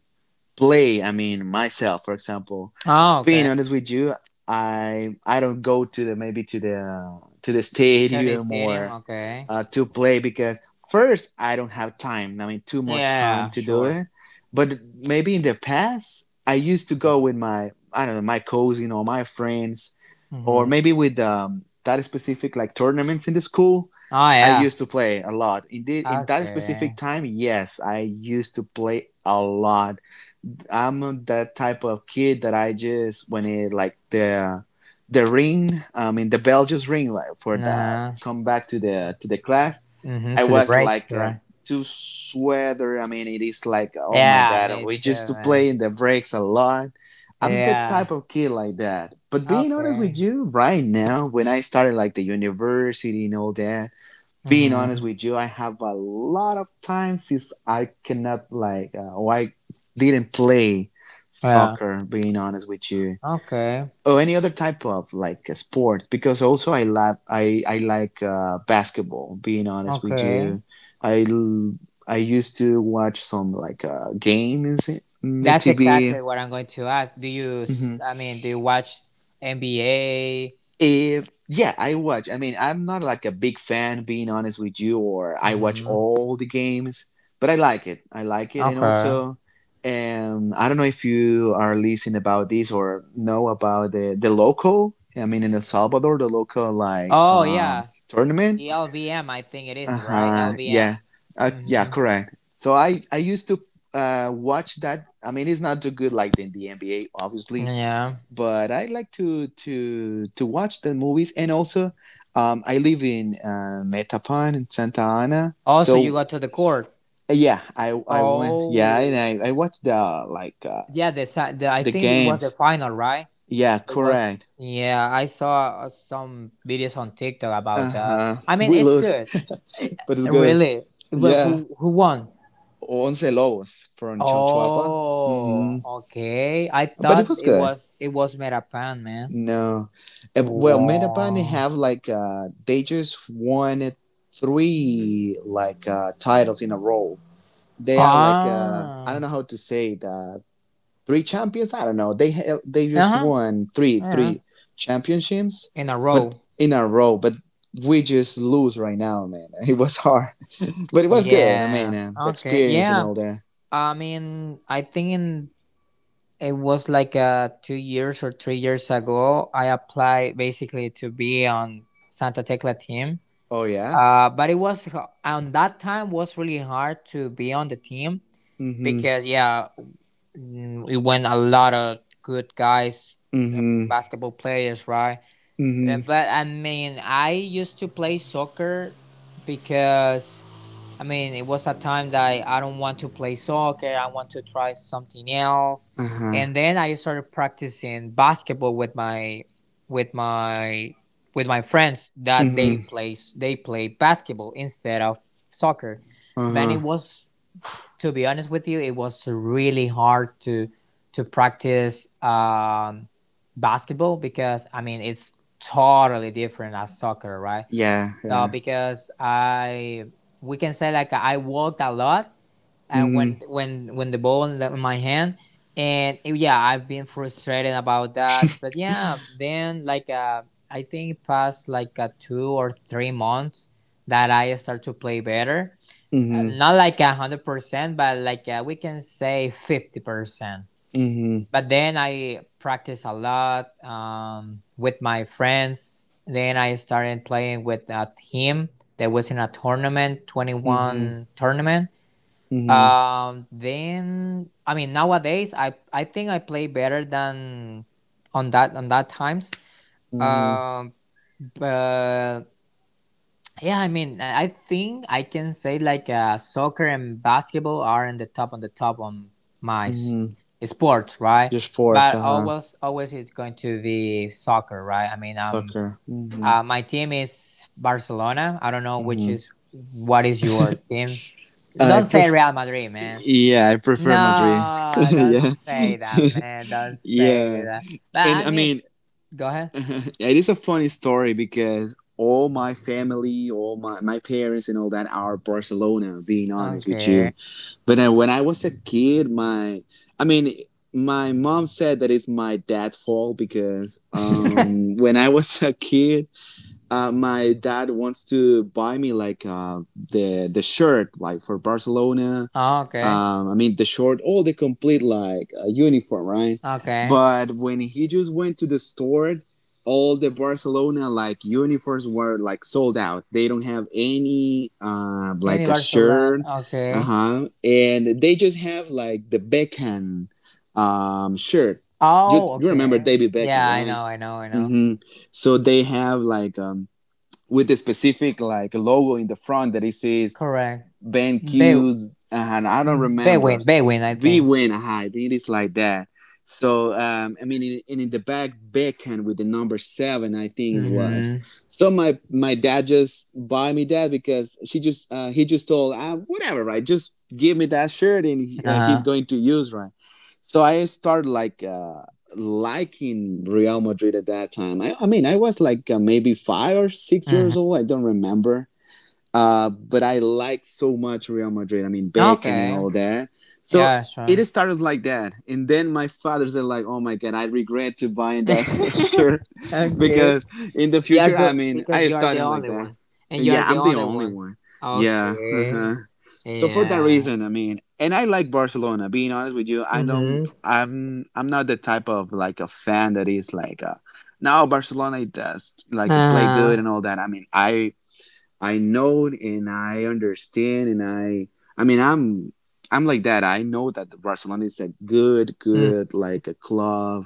play I mean myself for example Oh, being okay. honest with you I don't go to the maybe to the 30 stadium Stadium. or Okay. To play because first I don't have time I mean too much time Yeah. to do Sure. it but maybe in the past I used to Mm-hmm. go with my I don't know my cousin or my friends or Mm-hmm. maybe with that specific like tournaments in the school. Oh, I yeah. used to play a lot. Indeed, in that specific Okay. time, yes, I used to play a lot. I'm that type of kid that I just when it like the ring, I mean the bell just ring like for Uh the huh. come back to the class. Mm-hmm. I To the was break, like right? too sweater. I mean it is like oh my Yeah, god, me we too, just to man. play in the breaks a lot. I'm the Yeah. type of kid like that. But being honest with Okay. you, right now when I started like the university and all that, being honest Mm-hmm. with you, I have a lot of time since I cannot like, or I didn't play Yeah. soccer. Being honest with you, Okay. or any other type of like a sport, because also I love I like basketball. Being honest with Okay. you, I used to watch some like games in the That's TV. exactly what I'm going to ask. Do you, s- Hmm. I mean, Do you watch NBA? If yeah, I watch. I mean, I'm not like a big fan, being honest with you, or I watch Mm-hmm. all the games, but I like it. I like it, and Okay. also, I don't know if you are listening about this or know about the local. I mean, in El Salvador, the local like Oh, yeah. tournament. The LVM, I think it Uh is, right? huh. Yeah. LVM. Yeah. Mm-hmm. Correct. So I used to watch that. I mean, it's not too good like the NBA, obviously, Yeah. but I like to watch the movies. And also, I live in Metapan in Santa Ana, Also, you so got to the court. yeah, I went yeah, and Oh, I watched the like yeah. The I the think it was the games. final, right? Yeah, It correct. was Yeah, I saw some videos on TikTok Uh about that. huh. I mean, We it's lose, good. Eh, but it's good. Really? Well, Yeah, who won? Once Lobos from Chalchuapa. Mm-hmm. Oh, okay. I But it thought was it good. was it was Metapan, man. No, well, Metapan they Wow. have like they just won three like titles in a row. They are like I don't Ah. know how to say it, three champions. I don't know. They have, they just Uh-huh. won Yeah. three championships, In a but row. in a row. But we just lose right now, man. It was hard, but it was good. I mean, Yeah. The Okay. experience and Yeah. all that. I mean, I think in it was like 2 years or 3 years ago. I applied basically to be on Santa Tecla team, Oh yeah. But it was, on that time was really hard to be on the team Mhm. because yeah, it went a lot of good guys, uh, Mhm. basketball players, right? Mhm. But I mean, I used to play soccer because I mean, it was a time that I don't want to play soccer. I want to try something else. Uh huh. And then I started practicing basketball with my with my friends that they Mhm. play they play basketball instead of soccer. Uh But it huh. was, to be honest with you, it was really hard to practice basketball because I mean it's totally different as soccer, right? Yeah. So Yeah. because I we can say like I walked a lot, and Mhm. when the ball in, in my hand, and yeah, I've been frustrated about that. But yeah, then like I think past like 2 or 3 months that I start to play better. Mhm. Not like 100%, but like we can say 50%, Mhm. but then I practiced a lot with my friends. Then I started playing with a team that was in a tournament, Mhm. 21 tournament. Mhm. Then I mean nowadays I think I play better than on that times. Mhm. Um, but yeah, I mean, I think I can say like soccer and basketball are in the top on my Mhm. sports, right? Your sports. But Uh huh. always, always it's going to be soccer, right? I mean, Soccer. Mhm. My team is Barcelona. I don't know which Mhm. is what is your team. I Don't say prefer, Real Madrid, man. yeah, I prefer Madrid. No, don't Yeah, say that, man. Don't say yeah. that. But And I I mean, mean, go ahead. it is a funny story because all my family, all my parents and all that are Barcelona, being honest with Okay. you. But then when I was a kid, I mean, my mom said that it's my dad's fault because, when I was a kid, my dad wants to buy me like, the shirt, like for Barcelona. okay. I mean, the short or the complete like uniform, right? Okay. But when he just went to the store, all the Barcelona like uniforms were like sold out. They don't have any like a Universal Land. shirt, uh Okay. huh, and they just have like the Beckham shirt. You, Oh, you remember okay. David Beckham, Yeah, I right? know, I know, I know. Mm-hmm. So they have like with a specific like logo in the front that it says Correct. Ben Be Q, and I don't mhm, remember. Bewin, I We think. win high. It is like that. So I mean, in the backhand with the number 7, I think it was. Mm-hmm. So my dad just buy me that because she just he just told whatever right, just give me that shirt and he's Uh-huh. going to use right. So I started like liking Real Madrid at that time. I mean, I was like maybe five or six Mm-hmm. years old. I don't remember but I liked so much Real Madrid. I mean, Beckham and all Okay. that. So Yeah, it sure. started like that. And then my father said like, oh my God, I regret to buying that shirt okay. because in the You are future, I do mean, I because you are the started like only that. one, and you Yeah, are the I'm the only only one. one. Yeah. Okay. Uh-huh. So for that Yeah. reason, I mean, and I like Barcelona. Being honest with you, I don't. Mm-hmm. I'm not the type of like a fan that is like, a, now Barcelona does like play good Uh-huh. and all that. I mean I know and I understand and I mean I'm like that. I know that the Barcelona is a good, Mm, good like a club.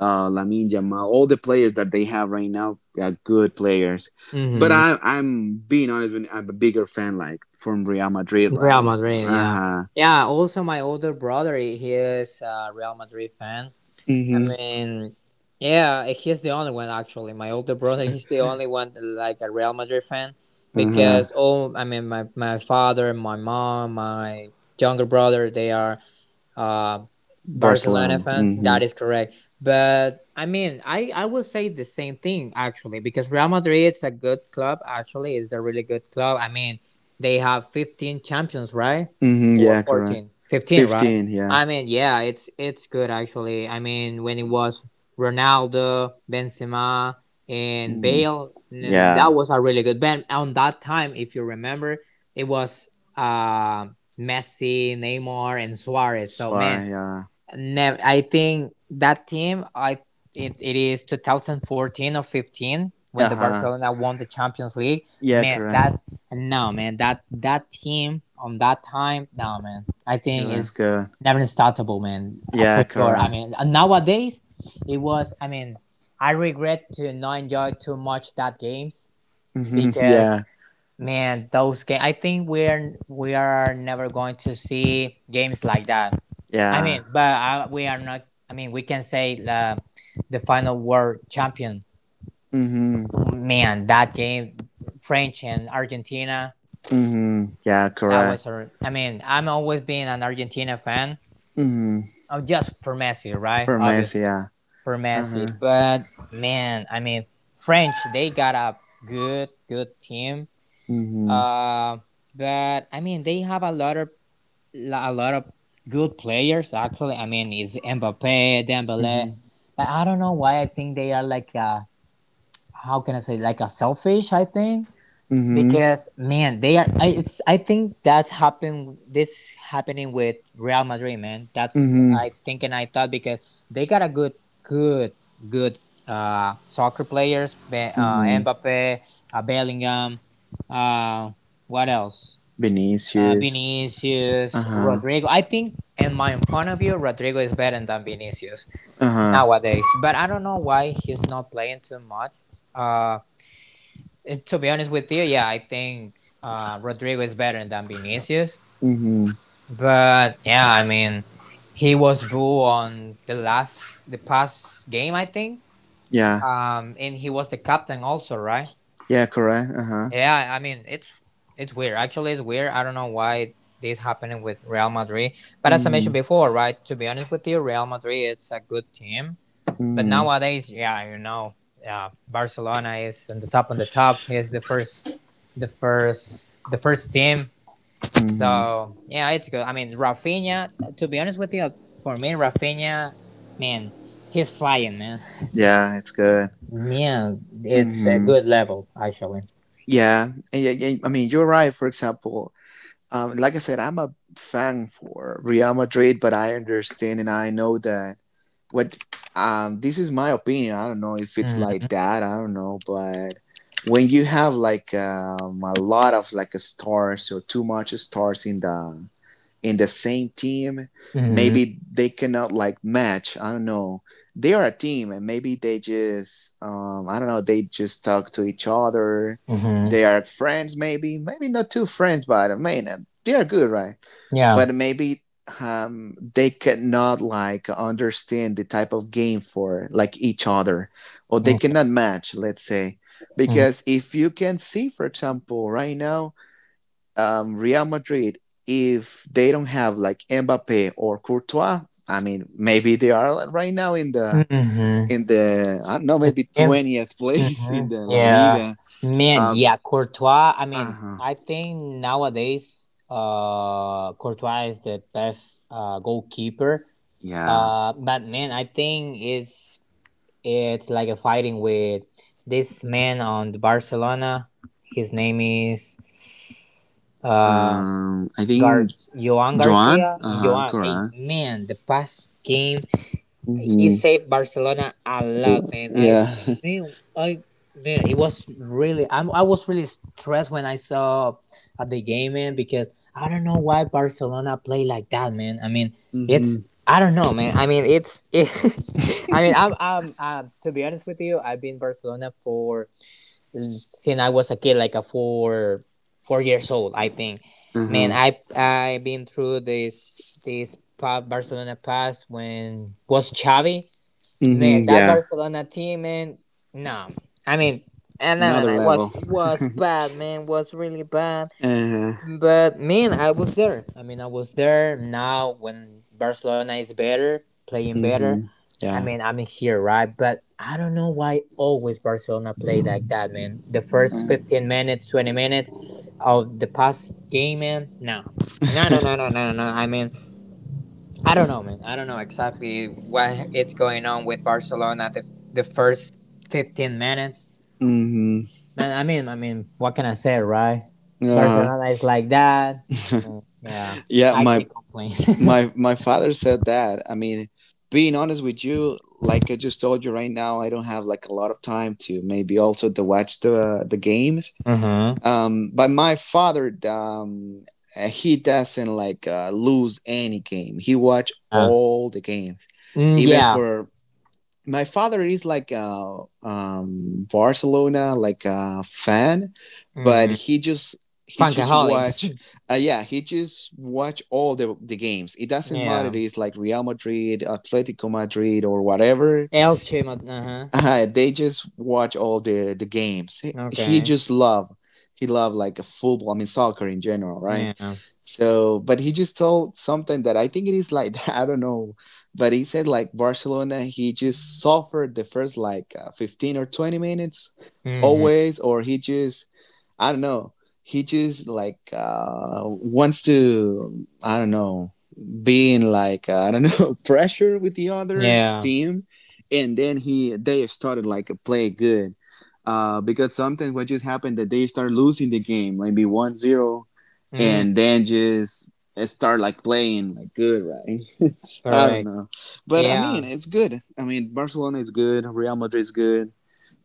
Lamine Yamal, all the players that they have right now are good players. But Mm-hmm. I'm being honest, I'm a bigger fan like from Real Madrid, Real right? Madrid. Uh Yeah. huh. Yeah. Also, my older brother, he is a Real Madrid fan. I Mhm. mean, yeah, he's the only one actually. My older brother, he's the only one, like a Real Madrid fan Uh because huh. all I mean, my father, my mom, my younger brother, they are uh Barcelona Barcelona. fans. That Mhm. is correct. But I mean, I will say the same thing actually because Real Madrid is a good club. Actually, is a really good club. I mean, they have 15 champions, right? Mhm. Or Yeah, correct. 14, 15, right? 15. Yeah. I mean, yeah, it's good actually. I mean, when it was Ronaldo, Benzema, and Mhm. Bale, and that Yeah. was a really good band. On that time, if you remember, it was uh, Messi, Neymar, and Suarez. So man, Suarez. Yeah. never, I think that team, it is 2014 or 15 when Uh the huh. Barcelona won the Champions League. Yeah, Man, correct. that, no, man, that team on that time, no, man, I think It is good. never unstoppable, man, Yeah, for sure. I correct. mean, nowadays it was. I mean, I regret to not enjoy too much that games Hmm. because, Yeah, man, those games. I think we are never going to see games like that. I yeah. mean, but we are not. I mean, we can say the final world champion. Hmm. Man, that game, French and Argentina. Hmm. Yeah, That correct. was a. I mean, I'm always being an Argentina fan. Hmm. Oh, just for Messi, right? Promise, Obviously yeah. for Messi. Uh-huh. But man, I mean, French. They got a good, good team. Hmm. Uh, but I mean, they have a lot of good players actually. I mean, it's Mbappe, Dembele, Hmm. but I don't know why I think they are like a, how can I say, like a selfish. I think Hmm. because, man, they are. I think that's happened. This happening with Real Madrid, man. That's, Hmm. I think, and I thought because they got a good, good, good soccer players. Hmm. Mbappe, Bellingham. Uh, what else? Vinicius. Vinicius, Uh-huh. Rodrigo. I think, in my point of view, Rodrigo is better than Vinicius Uh-huh. nowadays. But I don't know why he's not playing too much. Uh, to be honest with you, yeah, I think Rodrigo is better than Vinicius. Hmm. But yeah, I mean, he was boo on the past game, I think. Yeah. And he was the captain also, right? Yeah, correct. Uh-huh. Yeah, I mean it's weird. Actually, it's weird. I don't know why this happening with Real Madrid. But as I mentioned Hmm. before, right? To be honest with you, Real Madrid it's a good team. But Hmm. nowadays, yeah, yeah, Barcelona is on the top on the top. He is the first, the first, the first team. Hmm. So yeah, it's good. I mean, Rafinha. To be honest with you, for me, Rafinha, man, he's flying, man. Yeah, it's good. Yeah, it's a Hmm. good level actually. Yeah. Yeah, yeah. I mean, you're right. For example, like I said, I'm a fan for Real Madrid, but I understand and I know that what this is my opinion. I don't know if it's like that. I don't know, but when you have like a lot of like stars or too much stars in the same team, Hmm maybe they cannot like match. I don't know. They are a team, and maybe they just I don't know. They just talk to each other. hmm They are friends, maybe not two friends, but I mean they are good, right? Yeah. But maybe they cannot like understand the type of game for like each other, or they Okay. cannot match. Let's say Mm-hmm. because if you can see, for example, right now Real Madrid, if they don't have like Mbappe or Courtois, I mean, maybe they are like, right now in the hmm I don't know, It's maybe him. 20th place in Mm-hmm. the La Yeah. Liga. Man, Uh, yeah, Courtois. I mean, uh-huh. I think nowadays, Courtois is the best goalkeeper. Yeah. But man, I think it's like a fighting with this man on the Barcelona. His name is uh I Gar think Joan Joan. Garcia. Uh huh. Joan, hey Koran. man, the past game, he Mm-hmm. saved Barcelona a lot, man. I Yeah. mean, I man, it was really. I was really stressed when I saw at the game, man, because I don't know why Barcelona play like that, man. I mean, it's Mm-hmm. I don't know, man. I mean, it's I'm to be honest with you, I've been Barcelona for since I was a kid, like a four years old, I think. Man, Uh-huh. I have been through this Barcelona pass when was Xavi. Man, Mm-hmm. that Yeah. Barcelona team, man. No, I mean, and no, no, Another no. It was level. was bad, man. Was really bad. Uh-huh. But man, I was there. I mean, I was there. Now, when Barcelona is better, playing better, Mm-hmm. I Yeah. mean, I'm here, right? But I don't know why always Barcelona play like that, man. The first Uh-huh. 15 minutes, 20 minutes of the past game, man. No, no, no, no, no, no, no. I mean, I don't know, man. I don't know exactly what it's going on with Barcelona the first 15 minutes. Mm-hmm. Man, I mean, what can I say, right? Uh-huh. Barcelona is like that. Mm, yeah, Yeah. I My can't complain. My my father said that. I mean, being honest with you, like I just told you right now, I don't have like a lot of time to maybe also to watch the games. hmm But my father, he doesn't like lose any game. He watch Uh, all the games, even yeah. for my father is like a Barcelona like a fan, Mm-hmm. but he just Funkaholic. watch yeah he just watch all the games. It doesn't matter. Yeah. It's like Real Madrid, Atletico Madrid, or whatever. Elche. Uh huh. They just watch all the games. He Okay. just love like a football. I mean soccer in general, right? Yeah. So, but he just told something that I think it is like I don't know, but he said like Barcelona. He just suffered the first like 15 or 20 minutes Mm-hmm. always, or he just I don't know. He just like wants to I don't know be in like I don't know pressure with the other Yeah. team and then he they started like play good because sometimes what just happened that they start losing the game like be 1-0, Mm, and then just start like playing like good, right. I don't Correct. know, but I Yeah. mean it's good. I mean, Barcelona is good, Real Madrid is good.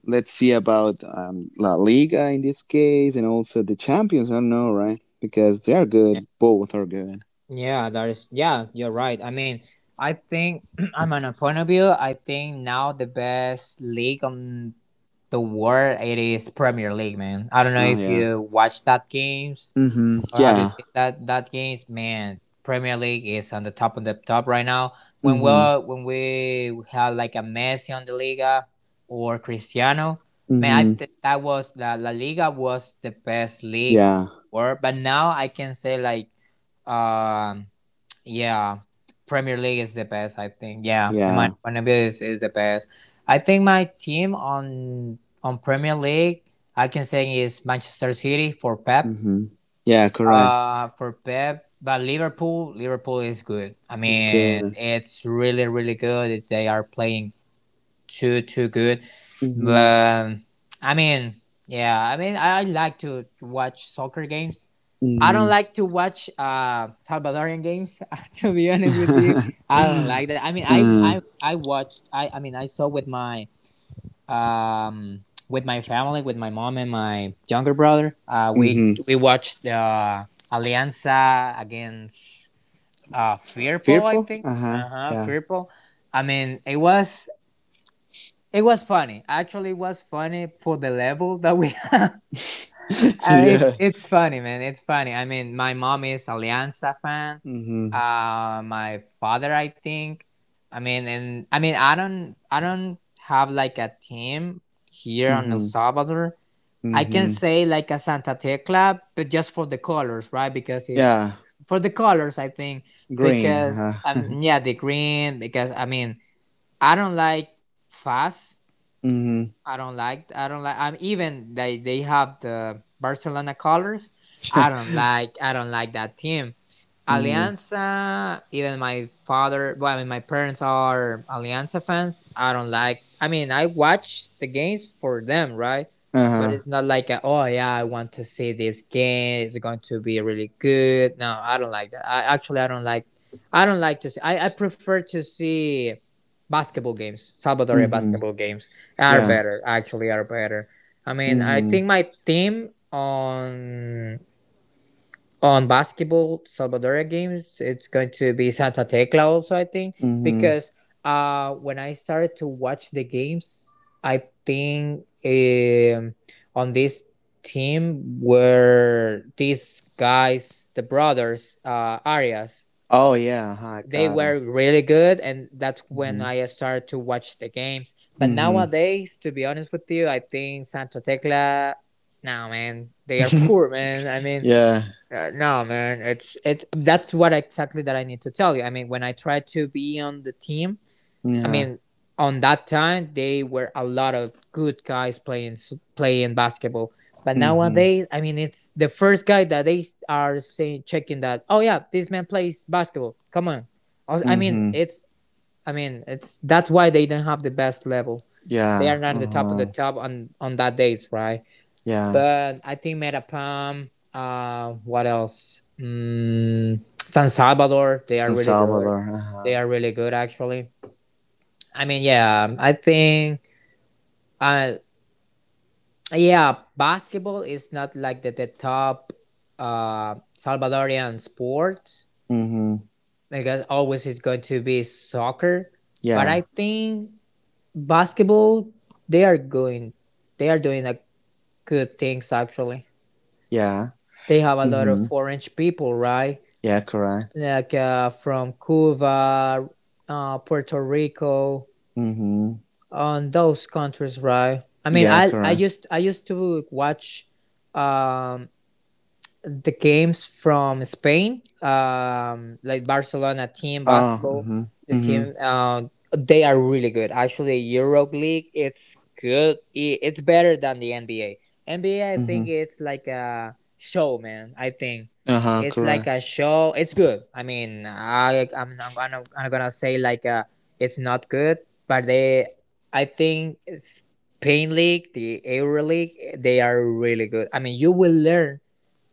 Let's see about La Liga in this case and also the Champions. I don't know, right? Because they are good. Both are good. Yeah, that is, yeah, you're right. I mean, I think, I'm on a point of view, I think now the best league on the world, it is Premier League, man. I don't know Oh if yeah. you watch that games Mm-hmm. or have you Yeah. seen that games, man. Premier League is on the top of the top right now. When we Mm-hmm. when we had like a Messi on the Liga or Cristiano, man, I Mm-hmm. think that was La Liga was the best league on Yeah. the world. But now I can say like um yeah, Premier League is the best, I think. Yeah, in my Yeah. opinion, is the best. I think my team on Premier League, I can say is Manchester City for Pep. Mm-hmm. Yeah, correct. For Pep, but Liverpool is good. I It's mean, good. it's really really good. They are playing too too good. Mm-hmm. But I mean, yeah, I mean, I like to watch soccer games. I don't Mm. like to watch Salvadorian games. To be honest with you, I don't like that. I mean, I uh, I, I watched. I mean, I saw with my family, with my mom and my younger brother. We mm-hmm. we watched the Alianza against Firpo, I Fearful? think. Uh-huh. Uh huh, Yeah. Firpo. I mean, it was funny. Actually, it was funny for the level that we have. it, yeah. it's funny, man. It's funny. I mean, my mom is Alianza fan. Mm-hmm. My father, I think. I mean, and I mean, I don't have like a team here in El Mm-hmm. Salvador. I can Mm-hmm. say like a Santa Tecla, but just for the colors, right? Because it's Yeah. for the colors, I think. Green. Because Uh-huh. Yeah, the green. Because I mean, I don't like fast Mm-hmm. I don't like. I don't like. I'm even they have the Barcelona colors. I don't like. I don't like that team. Mm-hmm. Alianza. Even my father. Well, I mean, my parents are Alianza fans. I don't like. I mean, I watch the games for them, right? But Uh-huh. it's not like a, oh yeah, I want to see this game. It's going to be really good. No, I don't like that. I actually I don't like. I don't like to see. I prefer to see basketball games. Salvadorian Mm-hmm. basketball games are Yeah. better, actually are better. I mean, I Mm-hmm. think my team on basketball Salvadoria games, it's going to be Santa Tecla also. I think Mm-hmm. because when I started to watch the games, I think on this team were these guys, the brothers, Arias. Oh, yeah. Uh-huh. I They got it. were really good, and that's when Mm-hmm. I started to watch the games. But Mm-hmm. nowadays, to be honest with you, I think Santa Tecla, no man, they are poor man. I mean, Yeah. No man, it's it that's what exactly that I need to tell you. I mean, when I tried to be on the team, I Yeah. mean, on that time, they were a lot of good guys playing basketball. But Mm-hmm. nowadays, I mean, it's the first guy that they are saying checking that. Oh yeah, this man plays basketball. Come on, I mean, Mm-hmm. it's I mean, it's that's why they don't have the best level. They are Yeah. not at the top of the Uh-huh. top on that days, right? Yeah. But I think Metapam, what else? San Salvador, they are San really good. Salvador. They Uh-huh. are really good actually. I mean, yeah, I think, uh, yeah, basketball is not like the top Salvadorian sports Mm-hmm. because always it's going to be soccer. But I Yeah. think basketball, they are going, they are doing a good things actually. Yeah. They have a lot of Mm-hmm. foreign people, right? Yeah, correct. Like from Cuba, Puerto Rico, Mm-hmm. on those countries, right? I mean, Yeah, I I correct. used I used to watch um the games from Spain, like Barcelona team Ah. basketball, Mm-hmm. the team, Mm-hmm. They are really good. Actually, Europe League, it's good. It's better than the NBA. NBA, I think Mm-hmm. it's like a show, man. I think Uh-huh, it's like correct. a show. It's good. I mean, I'm not gonna I'm gonna say like it's not good, but they, I think Spain League, the Euro League, they are really good. I mean, you will learn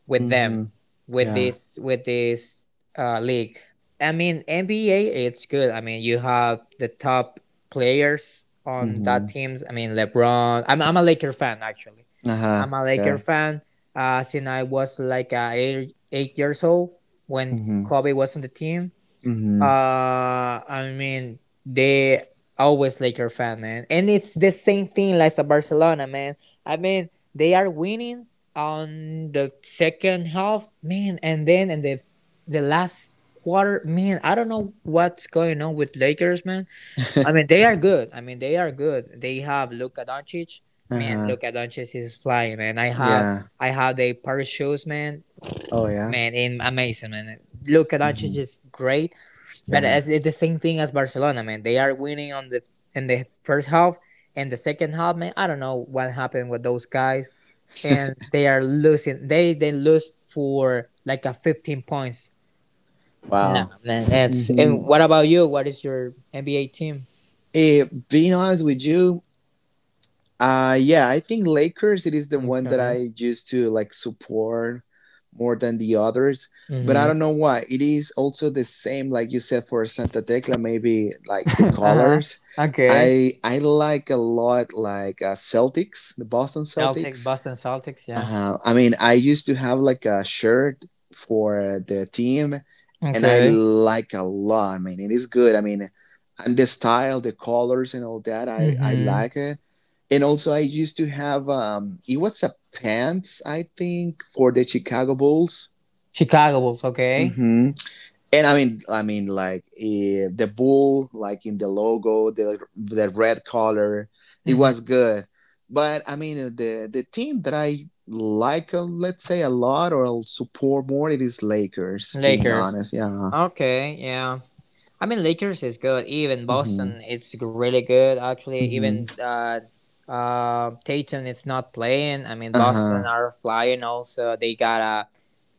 with them, Mm-hmm. with Yeah. this league. I mean NBA, it's good. I mean you have the top players on that Mm-hmm. teams. I mean LeBron. I'm a Laker fan actually. Uh-huh. I'm a Laker Good. fan. Since I was like eight years old when Mm-hmm. Kobe was on the team, Mm-hmm. I mean, they always Laker fan, man, and it's the same thing like a Barcelona, man. I mean, they are winning on the second half, man, and then in the last quarter, man. I don't know what's going on with Lakers, man. I mean, they are good. I mean, they are good. They have Luka Doncic, man. Uh-huh. Luka Doncic is flying, man. I have Yeah. I have the Paris shoes, man. Oh, yeah. Man, in amazing, man. Luka Mm-hmm. Doncic is great. But Yeah. as it's the same thing as Barcelona, man. They are winning on the in the first half and the second half, man. I don't know what happened with those guys, and they are losing. They lose for like a 15 points. Nah, Wow. man. It's and Mm-hmm. what about you? What is your NBA team? Being honest with you, yeah, I think Lakers it is the one that Okay. I used to like support more than the others, but I Mm-hmm. don't know why. It is also the same like you said for Santa Tecla maybe like the uh huh. colors. Okay. I like a lot like Celtics, the Boston Celtic, Celtics. Boston Celtics. Yeah. I mean, I used to have like a shirt for the team and I Okay. like a lot. I mean, it is good. I mean, and the style, the colors and all that, I Mm-hmm. like it and also, I used to have it was a pants, I think, for the Chicago Bulls. Chicago Bulls. Okay. Hmm. And I mean, like the bull, like in the logo, the red color, it Mm-hmm. was good. But I mean, the team that I like, let's say, a lot or I'll support more, it is Lakers. Being Lakers. honest, yeah. Okay. Yeah. I mean, Lakers is good. Even Hmm. Boston, it's really good actually. Hmm. Even Tatum is not playing. I mean, Uh Boston huh. are flying. Also, they got a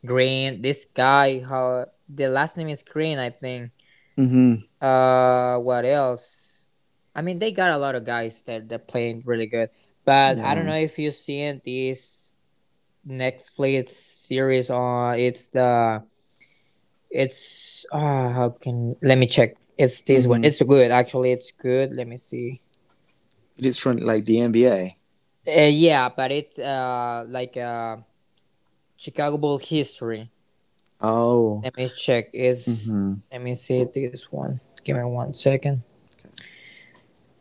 Green. This guy, how the last name is Green, I think. Hmm. What else? I mean, they got a lot of guys that they're playing really good. But I don't Yeah. know if you've seen this Netflix series on. It's the it's how can let me check. It's this one. Hmm. It's good actually. It's good. Let me see. It is from like the NBA. Yeah, but it's like Chicago Bull history. Oh. Let me check. Is Hmm. let me see this one. Give me one second.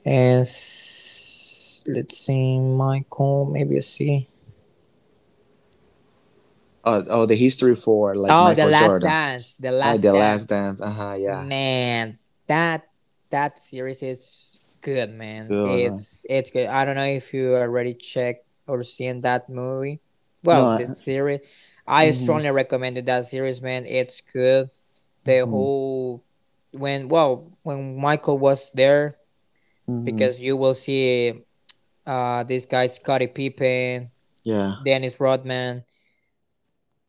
Is let's see Michael. Maybe I see. Oh, the history for like Oh, the Michael Last Jordan. Dance. The Ah, Last the Last Dance. Dance. Uh huh. Yeah. Man, that that series is good, man. Good. All right. It's good. I don't know if you already checked or seen that movie. No. Well, I, this series, I mm-hmm, strongly recommended that series, man. It's good. The mm-hmm, whole when well when Michael was there hmm. because you will see this guy Scottie Pippen, Yeah. Dennis Rodman,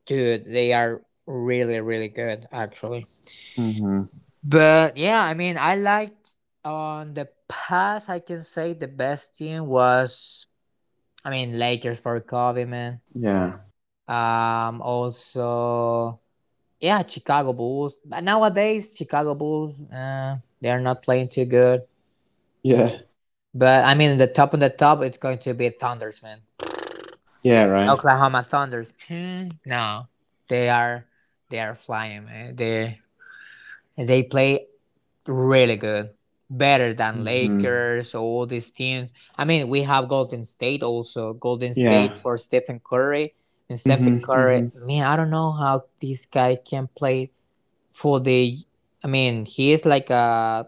dude, they are really really good actually. Mm-hmm. But yeah, I mean, I like on the past. I can say the best team was, I mean, Lakers for Kobe, man. Yeah. Also, yeah, Chicago Bulls. But nowadays, Chicago Bulls, they're not playing too good. Yeah. But I mean, the top on the top, it's going to be Thunders, man. Yeah. Right. Oklahoma Thunders. No, they are they are flying, man. They play really good. Better than Mm-hmm. Lakers, all these teams. I mean, we have Golden State also. Golden State Yeah. for Stephen Curry. And Mm-hmm. Stephen Curry, Mm-hmm. man, I don't know how this guy can play for the. I mean, he is like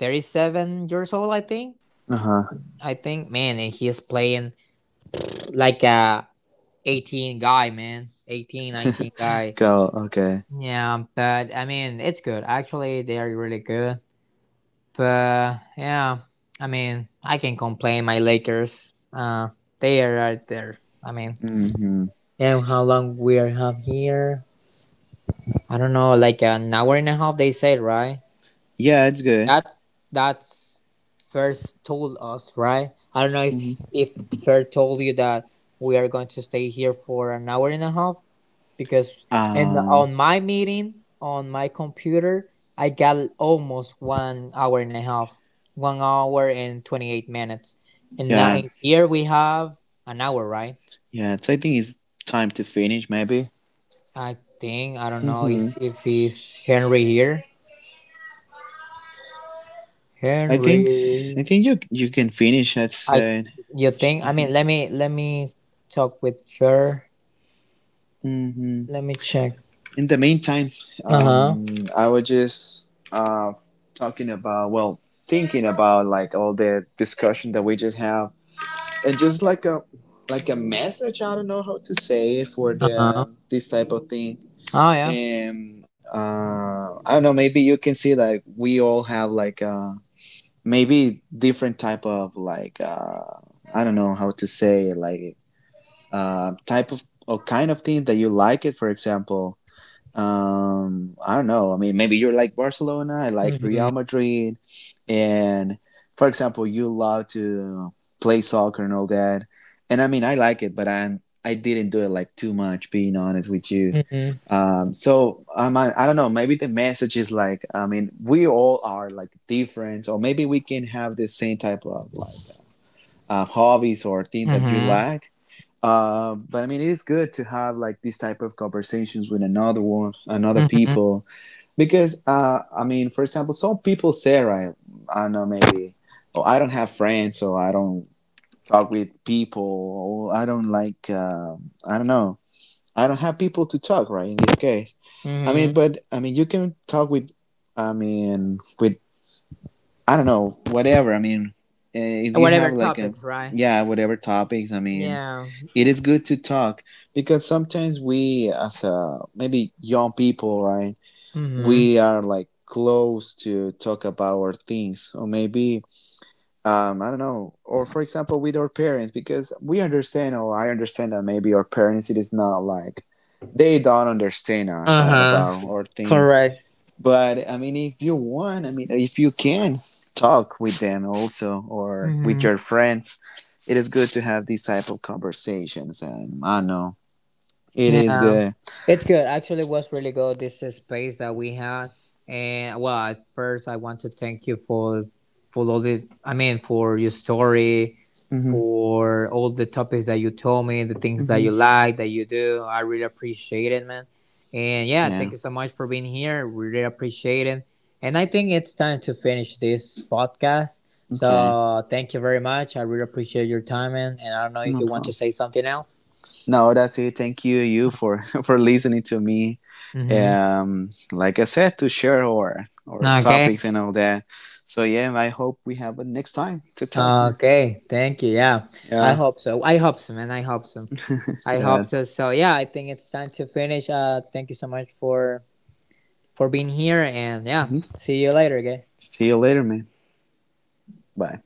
37 years old, I think. Uh I think, man, and he is playing like a 18 guy, man. 18 huh. 19 guy. Go. Okay. Yeah, but I mean, it's good. Actually, they are really good. But yeah, I mean, I can complain my Lakers. They are right there. I mean, Mm-hmm. and how long we are have here? I don't know, like an hour and a half. They said right. Yeah, it's good. That's that's first told us right. I don't know Mm-hmm. if first told you that we are going to stay here for an hour and a half. Because and Uh. on my meeting on my computer I got almost one hour and a half, one hour and 28 minutes, and now Yeah. and here we have an hour, right? Yeah. I think it's time to finish. Maybe. I think I don't know Mm-hmm. is if is Henry here. I think. I Henry, think you can finish. I I said. you think? I mean, let me talk with her. Mm-hmm. Let me check. In the meantime, Uh huh. I was just talking about, well, thinking about like all the discussion that we just have, and just like a message. I don't know how to say it for Uh the huh. This type of thing. Oh yeah. And I don't know. Maybe you can see that we all have like maybe different type of like I don't know how to say it, like type of or kind of thing that you like it. For example, I don't know. I mean, maybe you're like Barcelona, I like Mhm. Real Madrid, and for example, you love to play soccer and all that. And I mean, I like it, but I didn't do it like too much, being honest with you. Mhm. So I don't know. Maybe the message is like, I mean, we all are like different, or maybe we can have the same type of like hobbies or things that you Mhm. like, but I mean, it is good to have like these type of conversations with another one, another Mhm. people, because I mean, for example, some people say, right, I don't know, maybe, oh, I don't have friends, or I don't talk with people, or I don't like, I don't know, I don't have people to talk, right? In this case, I mean, Mhm. but I mean, you can talk with, I mean, with, I don't know, whatever. I mean, if you have Whatever like a, topics, right? yeah, whatever topics, I mean Yeah. it is good to talk. Because sometimes we as a maybe young people, right, Mhm. we are like close to talk about our things, or maybe I don't know, or for example with our parents, because we understand or I understand that maybe our parents it is not like they don't understand us, right, Uh-huh. about our things. Correct. But I mean, if you want, I mean, if you can talk with them also or with Mhm. your friends, it is good to have these type of conversations. And I know it is Yeah, good. it's good. Actually, it was really good. This is space that we had, and well, at first, I want to thank you for all the. I mean, for your story, Hmm. for all the topics that you told me, the things that Hmm. you like, that you do. I really appreciate it, man. And yeah, thank Yeah. you so much for being here. Really appreciate it. And I think it's time to finish this podcast. Okay. So thank you very much. I really appreciate your time, and, I don't know if No you want to problem. say something else. No, that's it. Thank you, for for listening to me. Mm-hmm. Like I said, to share our Okay. topics and all that. So yeah, I hope we have a next time to talk, man. Okay. Thank you. Yeah. I Yeah. hope so. I hope so, man. I hope so. I yeah. hope so. So yeah, I think it's time to finish. Thank you so much for being here and yeah. Hmm. See you later, okay? See you later, man. Bye.